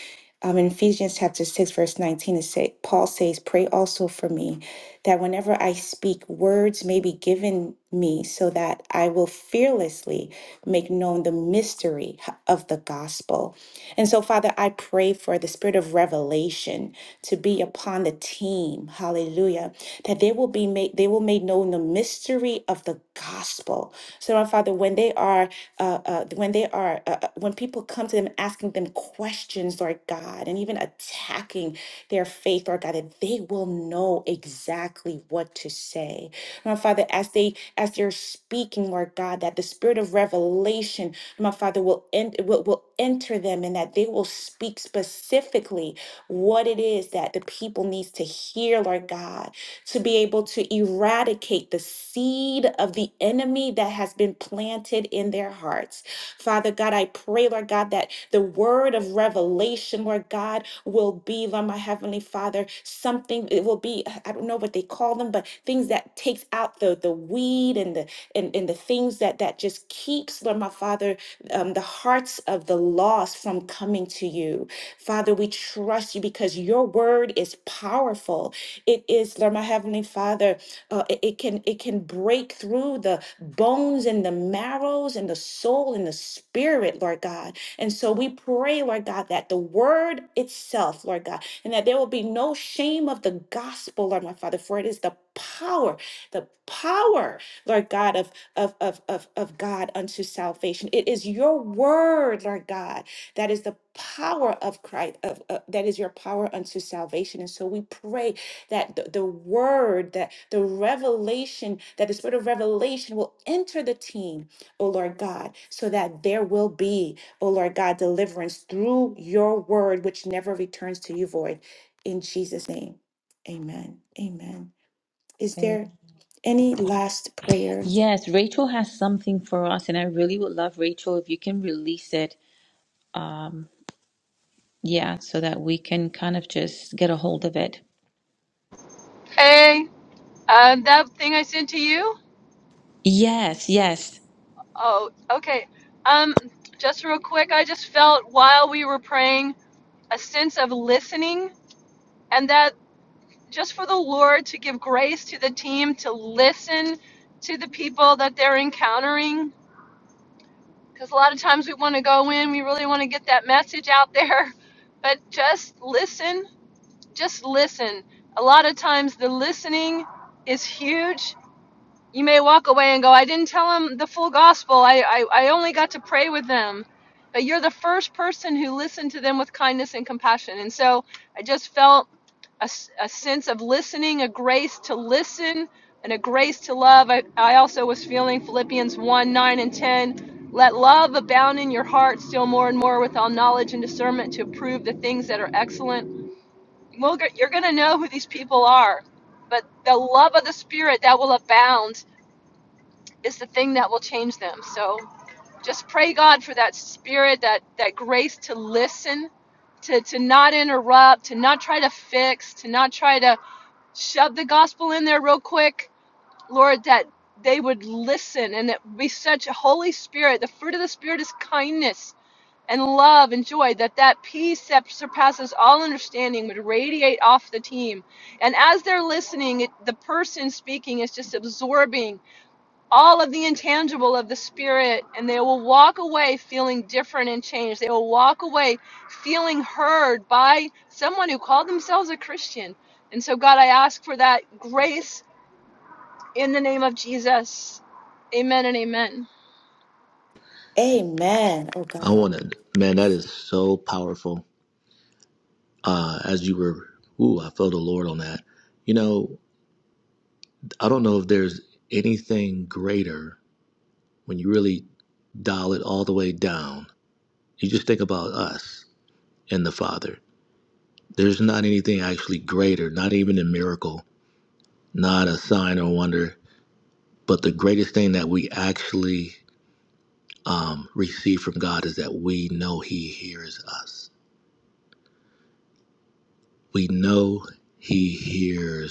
Speaker 8: Um, in Ephesians chapter 6, verse 19, it say, Paul says, Pray also for me that whenever I speak, words may be given me so that I will fearlessly make known the mystery of the gospel and so, Father, I pray for the spirit of revelation to be upon the team. Hallelujah. That they will be made, they will make known the mystery of the gospel. So, my Father, when they are, uh, uh, when they are, uh, uh, when people come to them asking them questions, Lord God, and even attacking their faith, Lord God, that they will know exactly what to say. My Father, as they, as they're speaking, Lord God, that the spirit of revelation my Father, will, en- will, will enter them and that they will speak specifically what it is that the people needs to hear, Lord God, to be able to eradicate the seed of the enemy that has been planted in their hearts. Father God, I pray, Lord God, that the word of revelation, Lord God, will be, Lord my Heavenly Father, something it will be, I don't know what they call them, but things that takes out the the weed and the and, and the things that that just keeps, Lord my Father, um, the hearts of the lost from coming to you. Father, we trust you because your word is powerful. It is, Lord, my heavenly Father, uh, it, it can it can break through the bones and the marrows and the soul and the spirit, Lord God. And so we pray, Lord God, that the word itself, Lord God, and that there will be no shame of the gospel, Lord my Father, for it is the power, the power, Lord God, of of, of, of, of God unto salvation. It is your word, Lord God, that is the power of Christ, of, uh, that is your power unto salvation. And so we pray that the, the word, that the revelation, that the spirit of revelation will enter the team, O Lord God, so that there will be, O Lord God, deliverance through your word, which never returns to you void. In Jesus' name, amen. Amen. Is there
Speaker 5: Amen.
Speaker 8: any last prayer?
Speaker 5: Yes, Rachel has something for us, and I really would love Rachel if you can release it. Um, yeah, so that we can kind of just get a hold of it.
Speaker 4: Hey, um, that thing I sent to you?
Speaker 5: Yes, yes.
Speaker 4: Oh, okay. Um, just real quick, I just felt while we were praying a sense of listening, and that just for the Lord to give grace to the team to listen to the people that they're encountering because a lot of times we want to go in, we really want to get that message out there, <laughs> but just listen, just listen. A lot of times the listening is huge you may walk away and go, I didn't tell them the full gospel. I, I, I only got to pray with them. But you're the first person who listened to them with kindness and compassion. And so I just felt a a sense of listening, a grace to listen, and a grace to love. I, I also was feeling Philippians 1 9 and 10. Let love abound in your heart still more and more with all knowledge and discernment to approve the things that are excellent. Well, you're going to know who these people are, but the love of the Spirit that will abound is the thing that will change them. So just pray God for that spirit, that that grace to listen, to to not interrupt, to not try to fix, to not try to shove the gospel in there real quick. Lord, that they would listen and it would be such a holy spirit. The fruit of the spirit is kindness and love and joy that that peace that surpasses all understanding would radiate off the team and as they're listening it, the person speaking is just absorbing all of the intangible of the spirit and they will walk away feeling different and changed they will walk away feeling heard by someone who called themselves a christian and so god i ask for that grace in the name of jesus amen
Speaker 8: Amen. Oh God.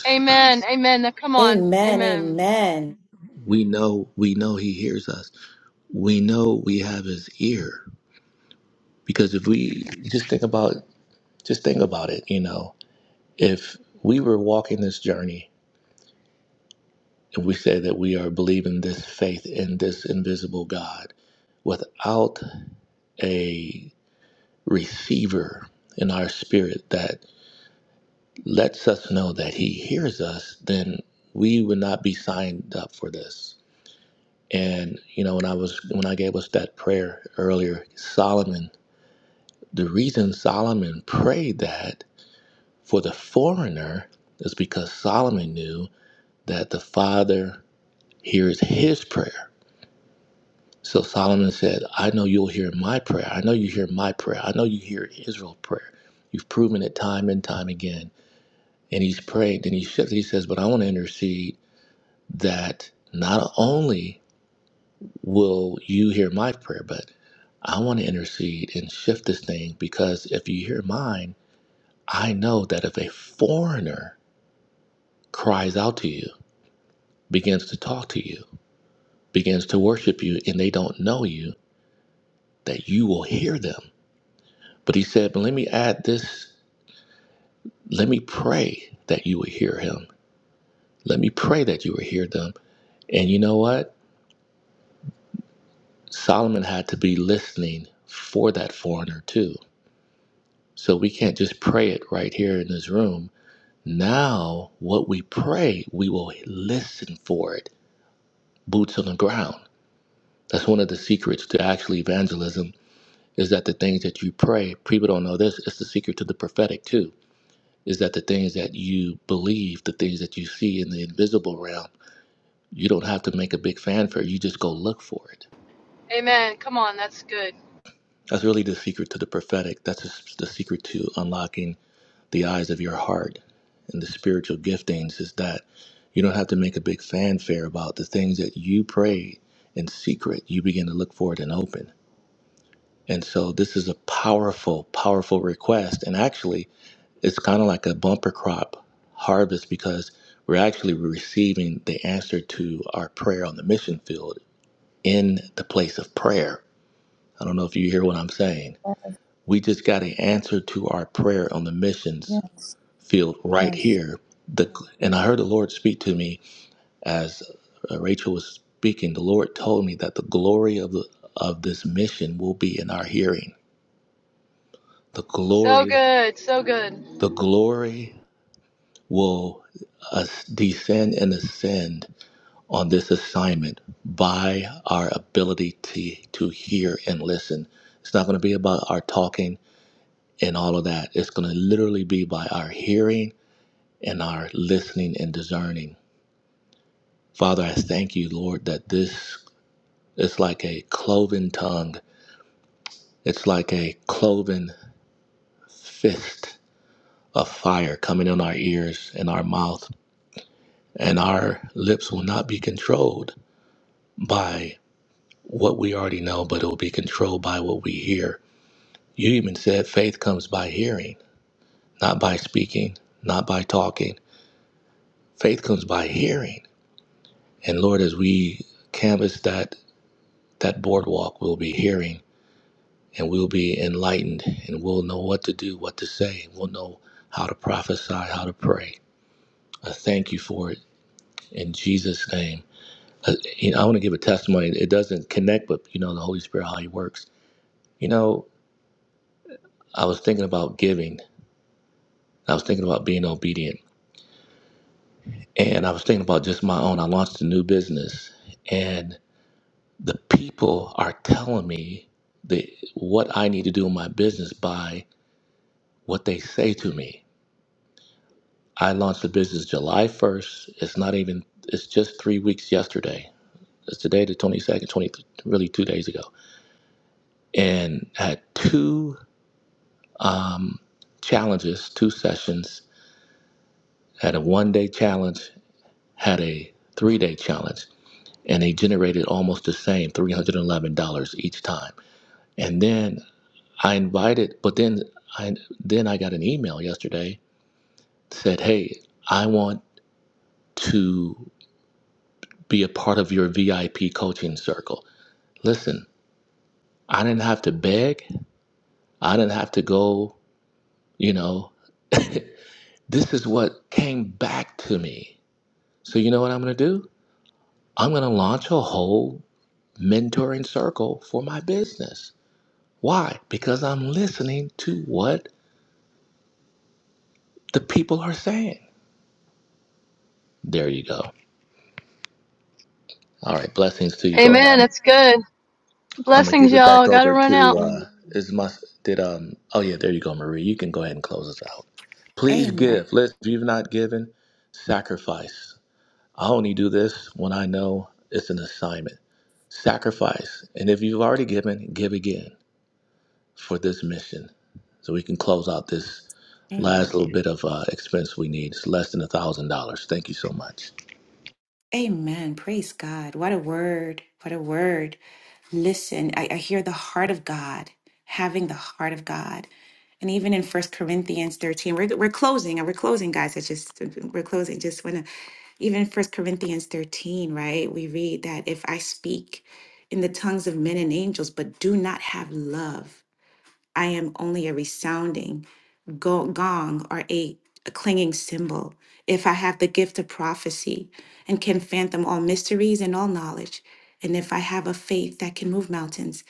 Speaker 4: amen amen Now, come on
Speaker 8: Amen.
Speaker 4: amen
Speaker 8: Amen.
Speaker 4: amen come on that's good
Speaker 5: Yes, yes.
Speaker 4: so good so good amen that's good blessings y'all gotta run out
Speaker 8: Amen. Amen. Amen. Amen. Praise God. What a word. What a word. Listen, I, I hear the heart of God, having the heart of God. And even in First Corinthians 13, we're, we're closing, and we're closing, guys. I just, we're closing. Just want to, even First Corinthians 13, right? We read that if I speak in the tongues of men and angels, but do not have love, I am only a resounding go- gong or a a clinging symbol, if I have the gift of prophecy and can fathom all mysteries and all knowledge, and if I have a faith that can move mountains,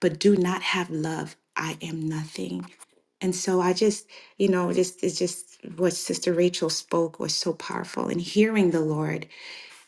Speaker 8: but do not have love, I am nothing. And so I just, you know, just it's just what Sister Rachel spoke was so powerful. And hearing the Lord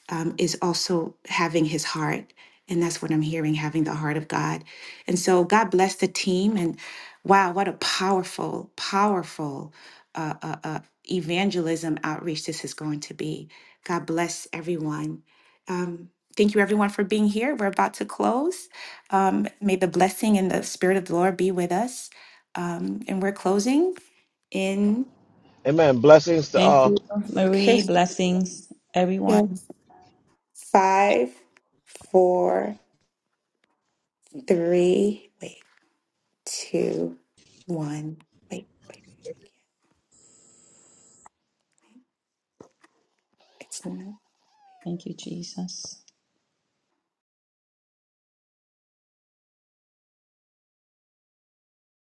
Speaker 8: um, is also having his heart. And that's what I'm hearing, having the heart of God. And so God bless the team. And wow, what a powerful, powerful uh, uh, uh, evangelism outreach this is going to be. God bless everyone. Um, thank you, everyone, for being here. We're about to close. Um, may the blessing and the spirit of the Lord be with us. Um, and we're closing in.
Speaker 9: Amen. Blessings to
Speaker 5: Thank
Speaker 9: all.
Speaker 5: you,
Speaker 8: Okay.
Speaker 5: Marie.
Speaker 8: <laughs>
Speaker 5: Blessings,
Speaker 8: Yeah.
Speaker 5: everyone.
Speaker 8: Five, four, three. Wait. two, one. Wait, wait, wait. wait, I can't. It's not.
Speaker 5: Thank you, Jesus.